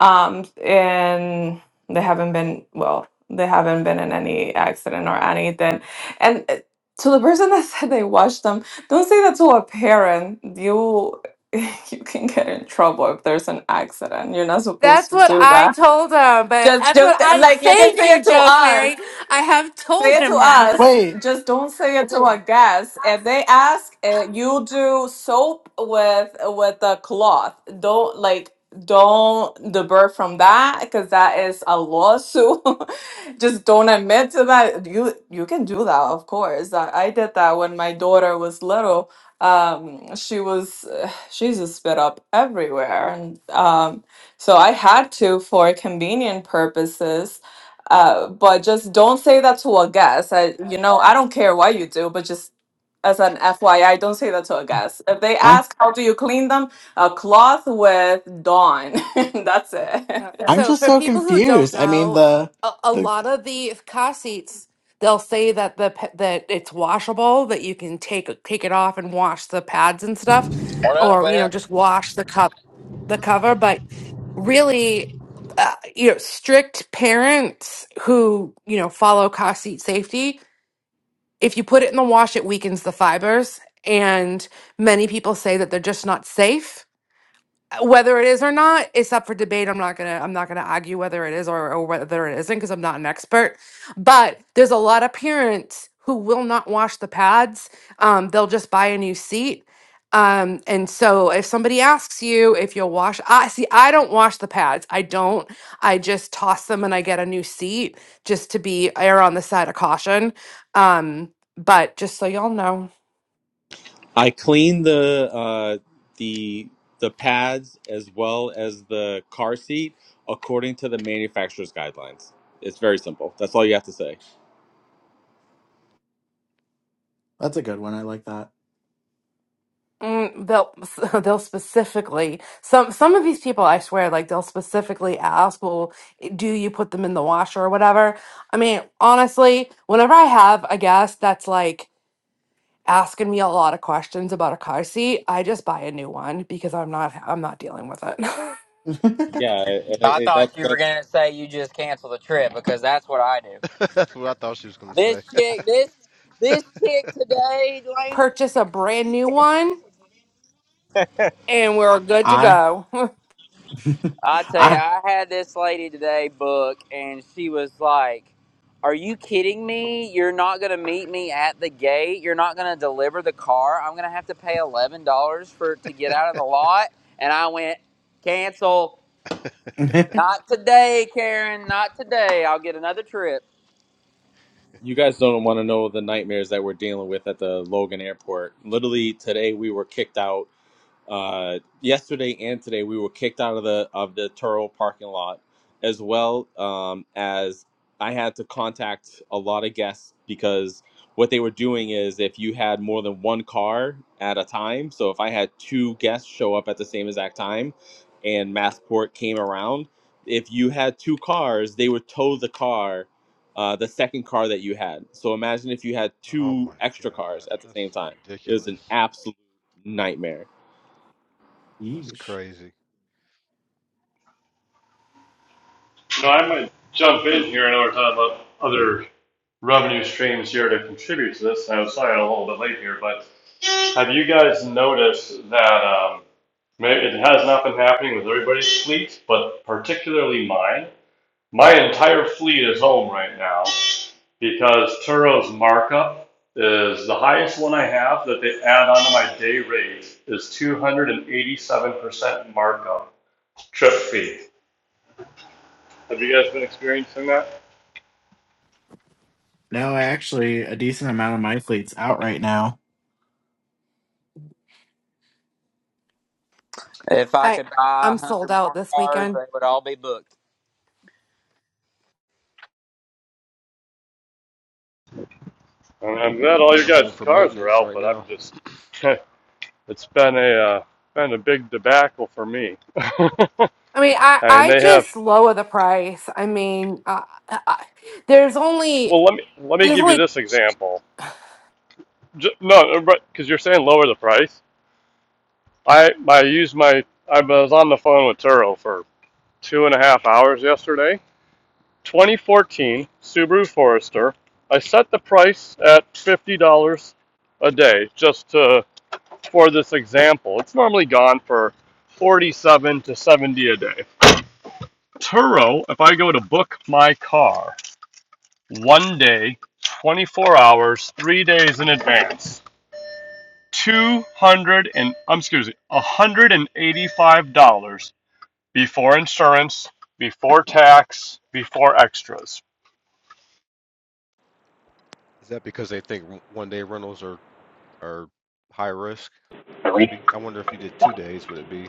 Um, and they haven't been, well, they haven't been in any accident or anything and uh, to the person that said they watched them, don't say that to a parent. You you can get in trouble if there's an accident. You're not supposed
That's
to
what
do
I
that.
told him, but
Just
that's
just
what I
like you can
thank
say
you,
it to
Joe's
us.
Mary. I have told
Say it to
him that.
us.
Wait.
Just don't say it to our guests. If they ask, uh, you do soap with with a cloth. Don't like don't divert from that because that is a lawsuit. Just don't admit to that. You you can do that, of course. I, I did that when my daughter was little. Um, she was uh, she's a spit up everywhere, and um, so I had to for convenient purposes uh, but just don't say that to a guest. I, you know, I don't care what you do, but just as an FYI, don't say that to a guest. If they
I.
ask, how do you clean them? A cloth with Dawn. That's it.
Yeah.
I'm
So
just
for
so
people who don't
confused. I mean
know,
the
a, a
the
lot of the car seats, they'll say that the pa- that it's washable, that you can take take it off and wash the pads and stuff,
What up,
or
what
you know
up?
just wash the cup the cover. But really, uh, you know, strict parents who you know follow car seat safety, if you put it in the wash, it weakens the fibers, and many people say that they're just not safe uh, whether it is or not it's up for debate i'm not gonna i'm not gonna argue whether it is or, or whether it isn't because i'm not an expert but there's a lot of parents who will not wash the pads um, they'll just buy a new seat um, and so if somebody asks you if you'll wash i see i don't wash the pads i don't i just toss them and i get a new seat just to be err on the side of caution um, but just so y'all know
I cleaned the uh, the the pads as well as the car seat according to the manufacturer's guidelines. It's very simple. That's all you have to say.
that's a good one. I like that.
Mm, they'll they'll specifically some some of these people I swear like they'll specifically ask, well, do you put them in the washer or whatever? I mean, honestly, whenever I have a guest that's like asking me a lot of questions about a car seat, I just buy a new one because I'm not I'm not dealing with it.
Yeah, and it,
I
it, that
thought you were
that's
gonna say you just canceled the trip because that's what I do.
That's what I thought she was gonna
This
say.
chick, this this chick today, Delaney,
Purchase a brand new one and we're good to
I
go.
I tell you,
I
I had this lady today book, and she was like, "Are you kidding me? You're not gonna meet me at the gate. You're not gonna deliver the car. I'm gonna have to pay eleven dollars for to get out of the lot." And I went, "Cancel. Not today, Karen. Not today. I'll get another trip.
you guys don't want to know the nightmares that we're dealing with at the Logan Airport. Literally today, we were kicked out Uh, yesterday and today, we were kicked out of the of the Turo parking lot, as well um, as I had to contact a lot of guests because what they were doing is if you had more than one car at a time. So if I had two guests show up at the same exact time, and Massport came around, if you had two cars, they would tow the car. Uh, the second car that you had. So imagine if you had
Oh
two
my
extra cars
God,
at the same
that's
time. It was an
ridiculous.
absolute nightmare.
That's
yeesh.
crazy.
No, I might jump in here. I know we're talking about other revenue streams here to contribute to this. I'm sorry I'm a little bit late here, but have you guys noticed that um, it has not been happening with everybody's fleet, but particularly mine? My entire fleet is home right now because Turo's markup is the highest one I have that they add onto my day rate is 287% markup trip fee. Have you guys been experiencing that?
No, I actually a decent amount of my fleet's out right now.
If I
I
could buy a
I'm sold
hundred
out
more
this
cars,
weekend.
they would all be booked."
And I'm
Yeah,
glad all
mine
your
are
guys'
home for
cars are
maintenance
out,
right
but I'm
now.
just, it's been a uh, been a big debacle for me.
I mean, I
and
I
they have,
just lower the price. I mean, uh, I, I, there's only
well, let me let me
It's
give you
like
this example. J no, uh, but because you're saying lower the price, I I used my I was on the phone with Turo for two and a half hours yesterday. 2014 Subaru Forester. I set the price at fifty dollars a day just to for this example. It's normally gone for 47 to 70 a day. Turo, if I go to book my car one day, 24 hours, three days in advance, 200 and, I'm excuse me, $185 before insurance, before tax, before extras.
Is that because they think w- one day rentals are are high risk?
Really?
Maybe. I wonder if you did two days, would it be?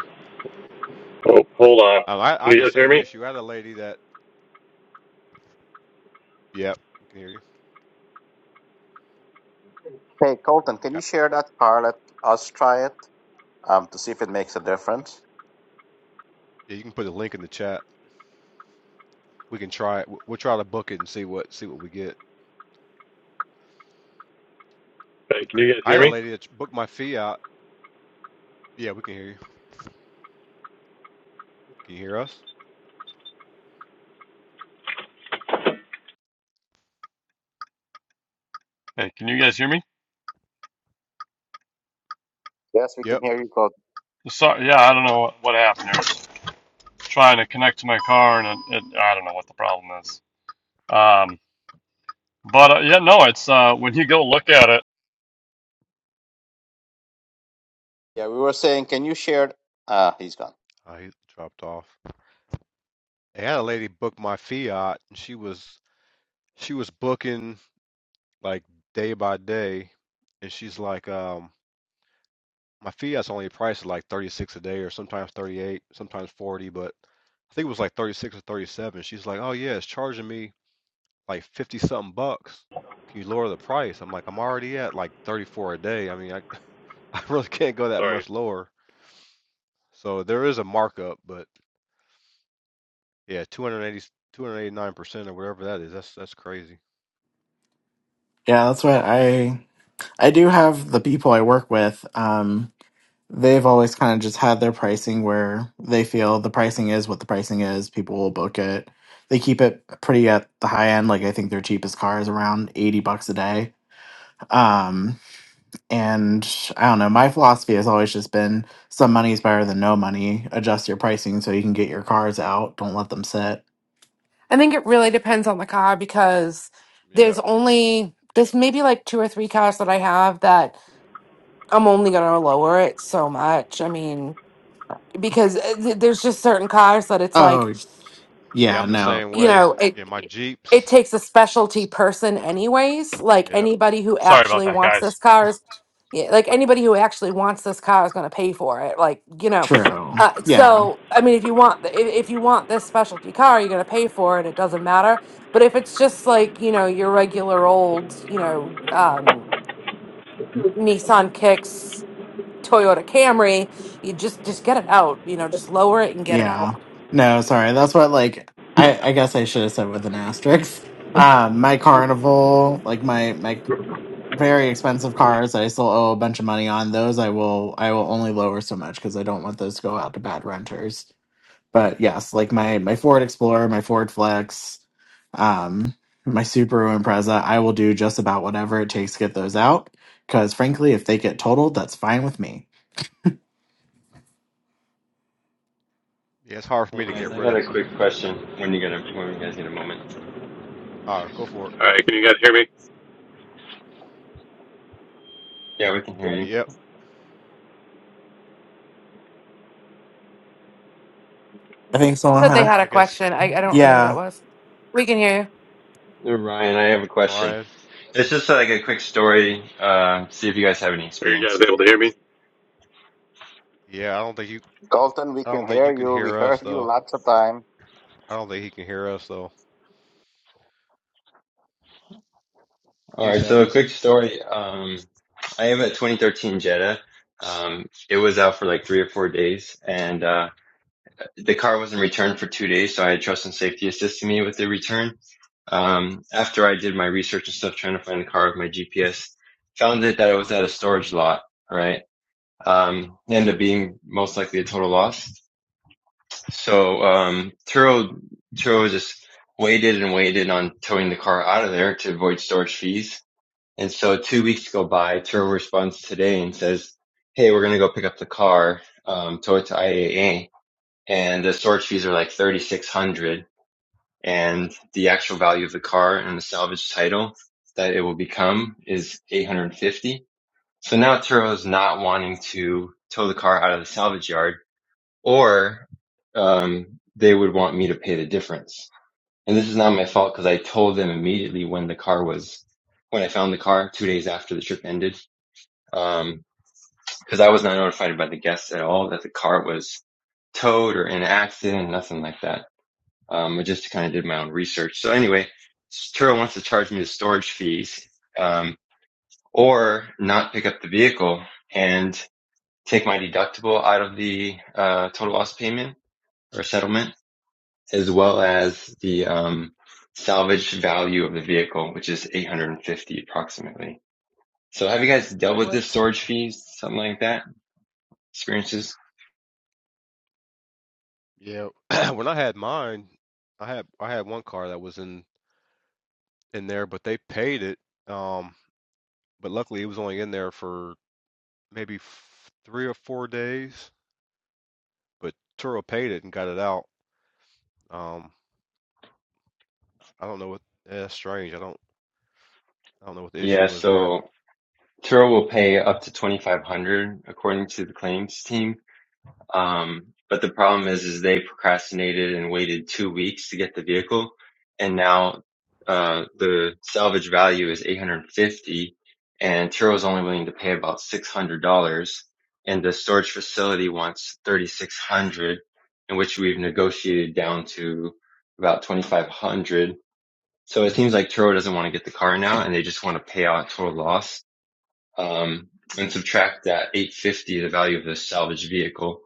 Oh, hold on.
Um, I I
Can
had
you
the
guys hear
same
me?
issue. I had a lady that. Yep, we can hear you.
hey Colton, can
I,
you share that car? Let us try it um, to see if it makes a difference.
yeah, you can put a link in the chat. We can try it. W- We'll try to book it and see what see what we get.
Hey, can you guys
I
hear
had a
me?
lady that booked my fee out. Yeah, we can hear you. Can you hear us?
Hey, can you guys hear me?
Yes, we can
Yep.
hear you, Colton.
Sorry, yeah, I don't know what happened here. Trying to connect to my car, and it, it, I don't know what the problem is. Um, but uh, yeah, no, it's uh, when you go look at it.
Yeah, we were saying, can you share? Ah, he's gone.
I dropped off. Hey, I had a lady book my fiat, and she was she was booking. like day by day, and she's like, um, my Fiat's only priced at like 36 a day, or sometimes 38, sometimes 40, but I think it was like 36 or 37. She's like, oh yeah, it's charging me like 50 something bucks. Can you lower the price? I'm like, I'm already at like 34 a day. I mean, I, I really can't go that
Sorry.
much lower. So there is a markup, but yeah, two hundred eighty two hundred eighty nine percent or whatever that is. That's that's crazy.
Yeah, that's what I I do have the people I work with. Um they've always kind of just had their pricing where they feel the pricing is what the pricing is. People will book it. They keep it pretty at the high end. Like I think their cheapest car is around 80 bucks a day. Um And I don't know, my philosophy has always just been some money is better than no money. Adjust your pricing so you can get your cars out. Don't let them sit.
I think it really depends on the car because
Yeah.
there's only there's maybe like two or three cars that I have that I'm only gonna lower it so much. I mean, because uh, th- there's just certain cars that it's like.
Oh,
Yeah,
yeah,
I'm the
no.
same
you
way.
know it
Yeah, my
it
Jeeps.
takes a specialty person anyways like
Yeah.
anybody who
Sorry about
actually
that,
wants
guys.
this car is yeah, like anybody who actually wants this car is going to pay for it like you know
True.
uh,
Yeah.
so i mean if you want the, if, if you want this specialty car you're going to pay for it it doesn't matter but if it's just like you know your regular old you know um nissan kicks toyota camry you just just get it out you know just lower it and get it out
Yeah. No, sorry. That's what like I I guess I should have said with an asterisk. Um my carnival, like my my very expensive cars that I still owe a bunch of money on, those I will I will only lower so much cuz I don't want those to go out to bad renters. but yes, like my my Ford Explorer, my Ford Flex, um, my Subaru Impreza, I will do just about whatever it takes to get those out. Because frankly, if they get totaled, that's fine with me.
Yeah, it's hard for me
Hey
to
guys,
get
I
rid
got
of
a quick question. When you get a when you guys get a moment,
Uh, go for it.
All right, can you guys hear me?
yeah, we can hear you.
Yep,
I think someone
but they
had,
had
I
a
guess
question i, I don't remember who that
yeah.
was we can hear you
Uh, Ryan, I have a question.
Ryan.
It's just like a quick story. Uh, see if you guys have any
Are you guys
experience.
able to hear me?
Yeah, I don't think you.
Colton, we
I
can
don't think
hear
you can
you. We
hear us
heard you
though.
lots of time.
I don't think he can hear us though.
All
He's
right, so
having
a
this.
quick story. Um, I have a 2013 Jetta. Um, it was out for like three or four days, and uh, the car wasn't returned for two days. So I had trust and safety assisting me with the return. Um, after I did my research and stuff, trying to find the car with my GPS, found it that it was at a storage lot. Right um, end up being most likely a total loss. So um, Turo Turo just waited and waited on towing the car out of there to avoid storage fees. And so two weeks go by. Turo responds today and says, "Hey, we're going to go pick up the car, um, tow it to IAA, and the storage fees are like thirty six hundred, dollars. and the actual value of the car and the salvage title that it will become is eight hundred fifty. dollars. So now Turo is not wanting to tow the car out of the salvage yard." or um, they would want me to pay the difference. And this is not my fault because I told them immediately when the car was, when I found the car two days after the trip ended, um, because I was not notified by the guests at all that the car was towed or in an accident, nothing like that. Um, I just kind of did my own research. So anyway, Turo wants to charge me the storage fees, um, or not pick up the vehicle and take my deductible out of the uh, total loss payment or settlement as well as the um, salvage value of the vehicle, which is 850 approximately. So have you guys dealt with this
What?
storage fee, something like that? Experiences?
Yeah. when I had mine, I had I had one car that was in in there, but they paid it. Um, but luckily it was only in there for maybe f- three or four days. But Turo paid it and got it out. Um, I don't know what. eh, That's strange. I don't. I don't know what the
Yeah,
issue was there.
so Turo will pay up to 2500 according to the claims team. Um, but the problem is, is they procrastinated and waited two weeks to get the vehicle, and now uh, the salvage value is 850, and Turo's only willing to pay about $600, and the storage facility wants 3,600, in which we've negotiated down to about 2,500. So it seems like Turo doesn't want to get the car now, and they just want to pay out total loss um, and subtract that 850, the value of this salvage vehicle,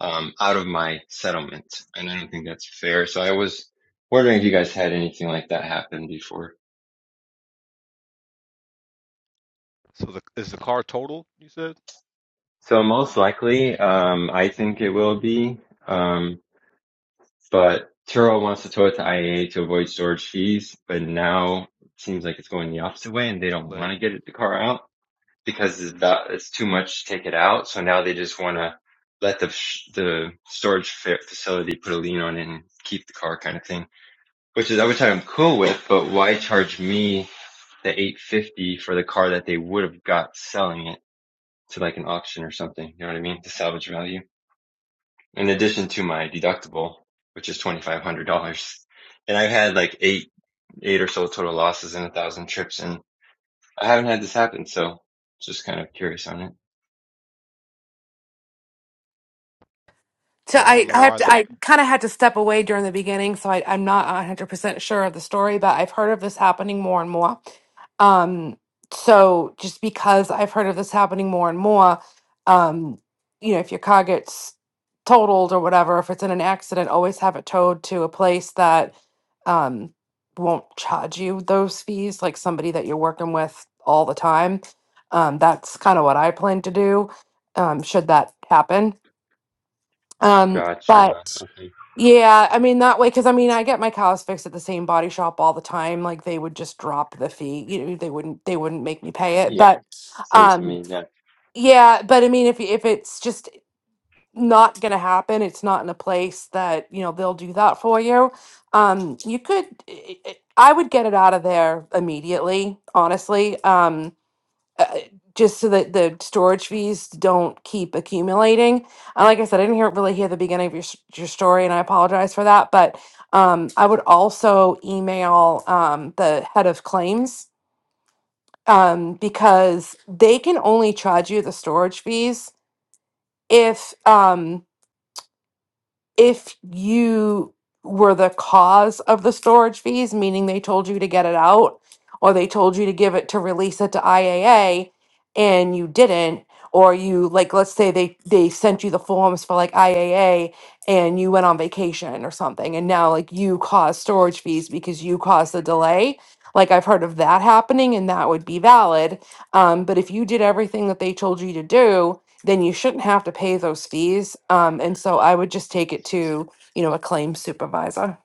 um, out of my settlement. And I don't think that's fair. So I was wondering if you guys had anything like that happen before.
So the is the car totaled? You said
So most likely, um, I think it will be. Um, but Turo wants to tow it to IAA to avoid storage fees, but now it seems like it's going the opposite way and they
too
don't want
late.
to get it, the car out. because it's about, it's too much to take it out. So now they just want to let the the storage facility put a lien on it and keep the car kind of thing, which is I which I'm cool with. But why charge me the 850 for the car that they would have got selling it to like an auction or something? You know what I mean? The salvage value in addition to my deductible, which is $2,500. And I've had like eight, eight or so total losses in a thousand trips and I haven't had this happen. So just kind of curious on it.
So
Yeah, I don't
I,
know
I have
why
to,
that.
I kind of had to step away during the beginning, so I, I'm not 100% sure of the story, but I've heard of this happening more and more. Um, so just because I've heard of this happening more and more, um, you know, if your car gets totaled or whatever, if it's in an accident, always have it towed to a place that um, won't charge you those fees, like somebody that you're working with all the time. Um, that's kind of what I plan to do, um, should that happen. Um, but
Gotcha. Okay.
yeah, I mean that way because I mean I get my cows fixed at the same body shop all the time. Like they would just drop the fee. You know, they wouldn't they wouldn't make me pay it.
Yeah.
But
Same to
um
me. Yeah.
yeah, but I mean if y- if it's just not gonna happen, it's not in a place that, you know, they'll do that for you. Um you could i i I would get it out of there immediately, honestly. Um uh, just so that the storage fees don't keep accumulating. And like I said, I didn't hear really hear the beginning of your s- your story, and I apologize for that. But um, I would also email um, the head of claims um, because they can only charge you the storage fees if um, if you were the cause of the storage fees, meaning they told you to get it out or they told you to give it to release it to IAA and you didn't or you like let's say they they sent you the forms for like IAA and you went on vacation or something and now like you caused storage fees because you caused the delay like I've heard of that happening and that would be valid um, but if you did everything that they told you to do then you shouldn't have to pay those fees. Um, and so I would just take it to, you know, a claims supervisor.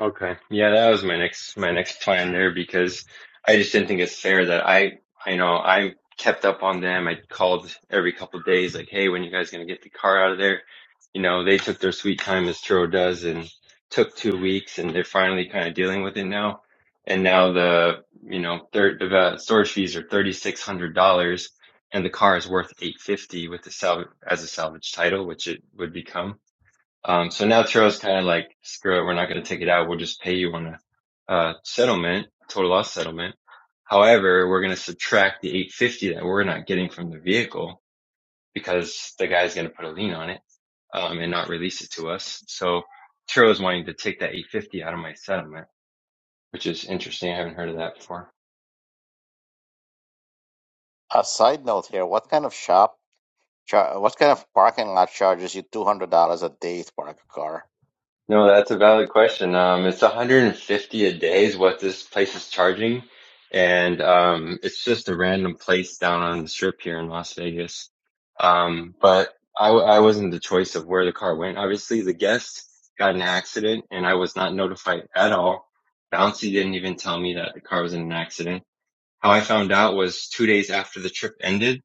Okay. Yeah, that was my next my next plan there because I just didn't think it's fair that I I know I kept up on them. I called every couple of days like, "Hey, when you guys gonna get the car out of there?" You know, they took their sweet time as Turo does and took two weeks and they're finally kind of dealing with it now. And now the, you know, third the uh, storage fees are $3,600 and the car is worth 850 with the salv as a salvage title, which it would become. Um, so now Turo's kind of like, screw it, we're not going to take it out. We'll just pay you on a uh, settlement, total loss settlement. However, we're going to subtract the 850 that we're not getting from the vehicle because the guy's going to put a lien on it um, and not release it to us. So Turo's wanting to take that 850 out of my settlement, which is interesting. I haven't heard of that before.
A side note here: What kind of shop? Char- what kind of parking lot charges you two hundred dollars a day to park a car?
No, that's a valid question. Um, it's 150 a day is what this place is charging, and um, it's just a random place down on the strip here in Las Vegas. Um, but I, w- I wasn't the choice of where the car went. Obviously, the guest got in an accident, and I was not notified at all. Bouncy didn't even tell me that the car was in an accident. How I found out was two days after the trip ended.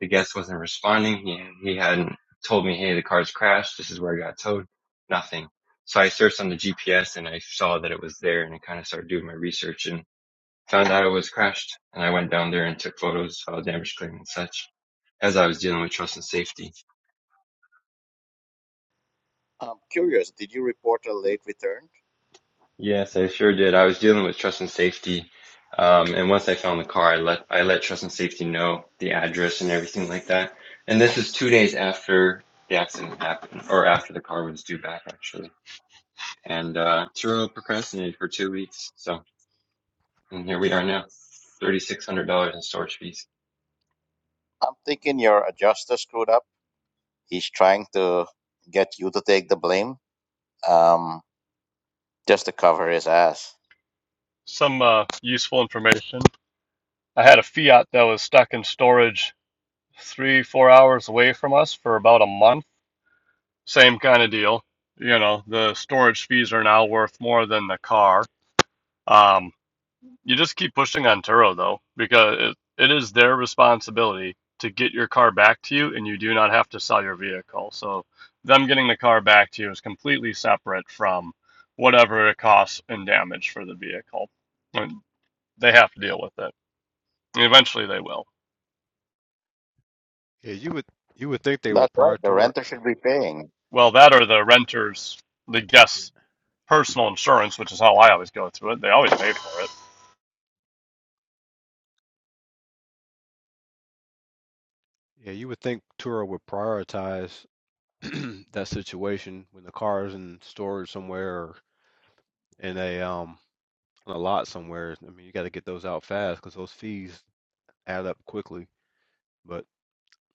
The guest wasn't responding. He, he hadn't told me, hey, the car's crashed. This is where I got towed. Nothing. So I searched on the GPS and I saw that it was there and I kind of started doing my research and found out it was crashed. And I went down there and took photos, filed damage claim and such as I was dealing with trust and safety.
I'm curious. Did you report a late return?
Yes, I sure did. I was dealing with trust and safety. Um, and once I found the car, I let, I let trust and safety know the address and everything like that. And this is two days after the accident happened or after the car was due back actually. and uh, through procrastinated for two weeks. So and here we are now, thirty six hundred dollars in storage fees.
I'm thinking your adjuster screwed up. He's trying to get you to take the blame, um, just to cover his ass.
Some uh, useful information. I had a Fiat that was stuck in storage three, four hours away from us for about a month. Same kind of deal. You know, the storage fees are now worth more than the car. Um, you just keep pushing on Turo though, because it, it is their responsibility to get your car back to you, and you do not have to sell your vehicle. So them getting the car back to you is completely separate from whatever it costs in damage for the vehicle. And they have to deal with it. And eventually they will.
Yeah, you would you would think they would
That's right. The
prioritize.
renter should be paying.
Well, that or the renter's, the guest's personal insurance, which is how I always go through it. They always pay for it.
Yeah, you would think Tura would prioritize that situation when the car is in storage somewhere or in a um on a lot somewhere. I mean, you got to get those out fast because those fees add up quickly. But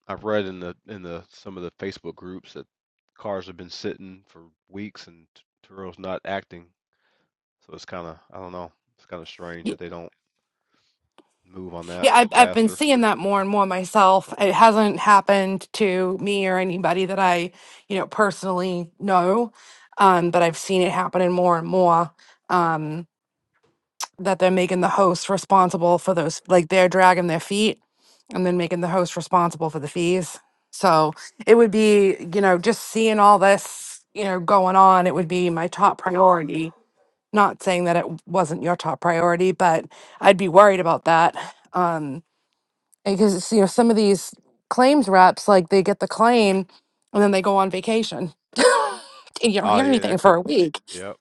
I've read in the in the some of the Facebook groups that cars have been sitting for weeks and T- Turo's not acting. So it's kind of I don't know. It's kind of strange
Y-
that they don't move on that
Yeah, I've, I've been
faster.
seeing that more and more myself. It hasn't happened to me or anybody that I, you know, personally know, um, but I've seen it happening more and more. Um, that they're making the host responsible for those like they're dragging their feet and then making the host responsible for the fees so it would be you know just seeing all this you know going on it would be my top priority not saying that it w- wasn't your top priority but i'd be worried about that um because it's, you know some of these claims reps like they get the claim and then they go on vacation and you don't
Oh
hear
yeah,
anything
that
for
could.
a week
Yep.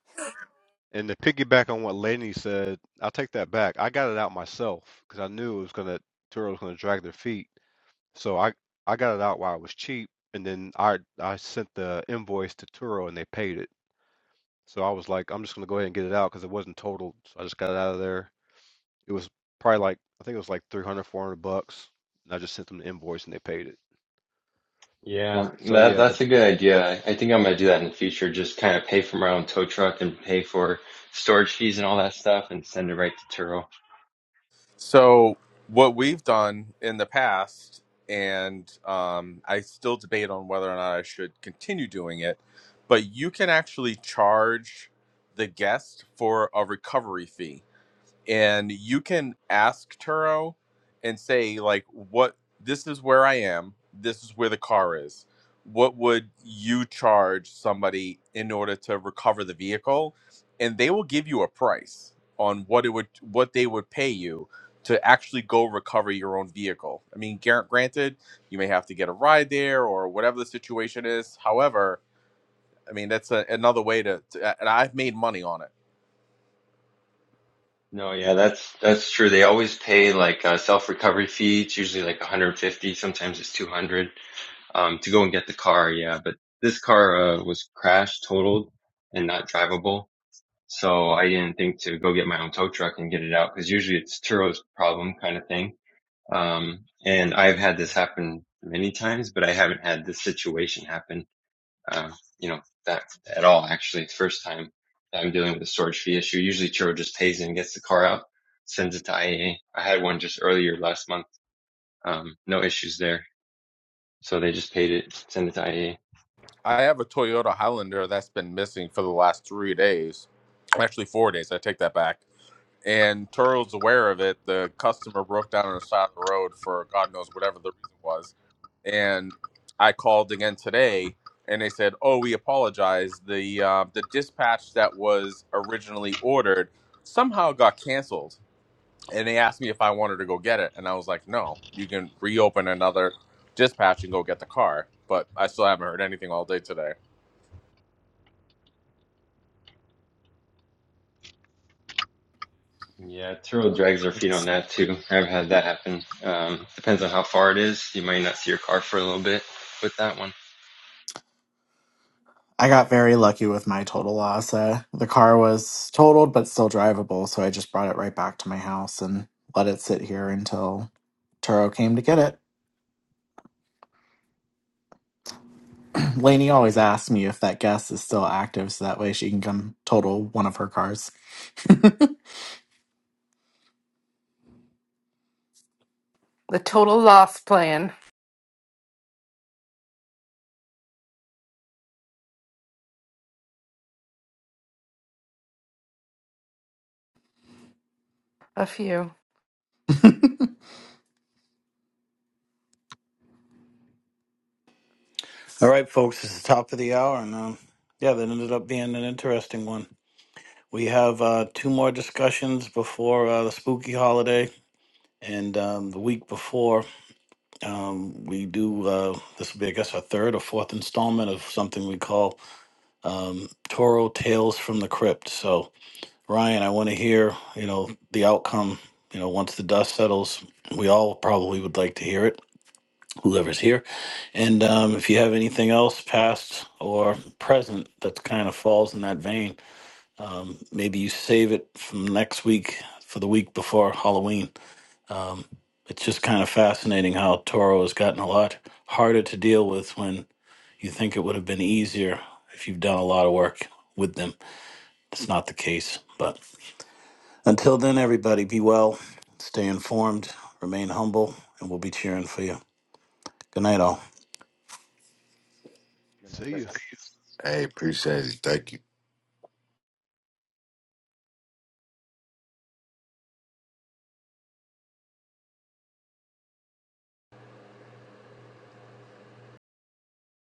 And to piggyback on what Lainey said, I'll take that back. I got it out myself because I knew it was gonna Turo was gonna drag their feet. So I I got it out while it was cheap, and then I I sent the invoice to Turo and they paid it. So I was like, I'm just gonna go ahead and get it out because it wasn't totaled. So I just got it out of there. It was probably like I think it was like 300, 400 bucks, and I just sent them the invoice and they paid it.
Yeah,
So
that
yeah, the
that's a good idea. I think I'm gonna do that in the future. Just kind of pay for my own tow truck and pay for storage fees and all that stuff, and send it right to Turo.
So what we've done in the past, and um, I still debate on whether or not I should continue doing it, but you can actually charge the guest for a recovery fee and you can ask Turo and say like what this is where I am, this is where the car is. What would you charge somebody in order to recover the vehicle? And they will give you a price on what it would what they would pay you to actually go recover your own vehicle. I mean, gar- granted, you may have to get a ride there or whatever the situation is. However, I mean that's a, another way to, to and I've made money on it
No, yeah, that's that's true. They always pay like a self recovery fee. It's usually like 150, sometimes it's 200, um, to go and get the car. Yeah, but this car uh, was crashed, totaled, and not drivable. So I didn't think to go get my own tow truck and get it out because usually it's Turo's problem kind of thing. Um, and I've had this happen many times, but I haven't had this situation happen, uh, you know, that at all. Actually, it's the first time that I'm dealing with a storage fee issue. Usually Turo just pays in and gets the car out, sends it to IAA. I had one just earlier last month. Um, no issues there. So they just paid it, send it to IAA.
I have a Toyota Highlander that's been missing for the last three days, actually four days. I take that back. And Turo's aware of it. The customer broke down on the side of the road for God knows whatever the reason was. And I called again today, and they said, "Oh, we apologize. The uh, the dispatch that was originally ordered somehow got canceled." And they asked me if I wanted to go get it, and I was like, "No, you can reopen another dispatch and go get the car." But I still haven't heard anything all day today.
Yeah, Tyrrell drags their feet on that too. I've had that happen. Um, depends on how far it is. You might not see your car for a little bit with that one.
I got very lucky with my total loss. Uh, the car was totaled but still drivable, so I just brought it right back to my house and let it sit here until Turo came to get it. Lainey always asks me if that guest is still active, so that way she can come total one of her cars.
the total loss plan a few
right, folks, it's the top of the hour. And um, yeah, that ended up being an interesting one. We have uh, two more discussions before uh, the spooky holiday. And um, the week before, um, we do, uh, this will be, I guess, our third or fourth installment of something we call um, Toro Tales from the Crypt. So, Ryan, I want to hear, you know, the outcome, you know, once the dust settles. We all probably would like to hear it, whoever's here. And um, if you have anything else, past or present, that kind of falls in that vein, Maybe you save it from next week for the week before Halloween. It's just kind of fascinating how Toro has gotten a lot harder to deal with when you think it would have been easier if you've done a lot of work with them. It's not the case. But until then, everybody, be well, stay informed, remain humble, and we'll be cheering for you. Good night, all.
Good
see
night,
ya.
guys.
Hey, appreciate it. Thank you.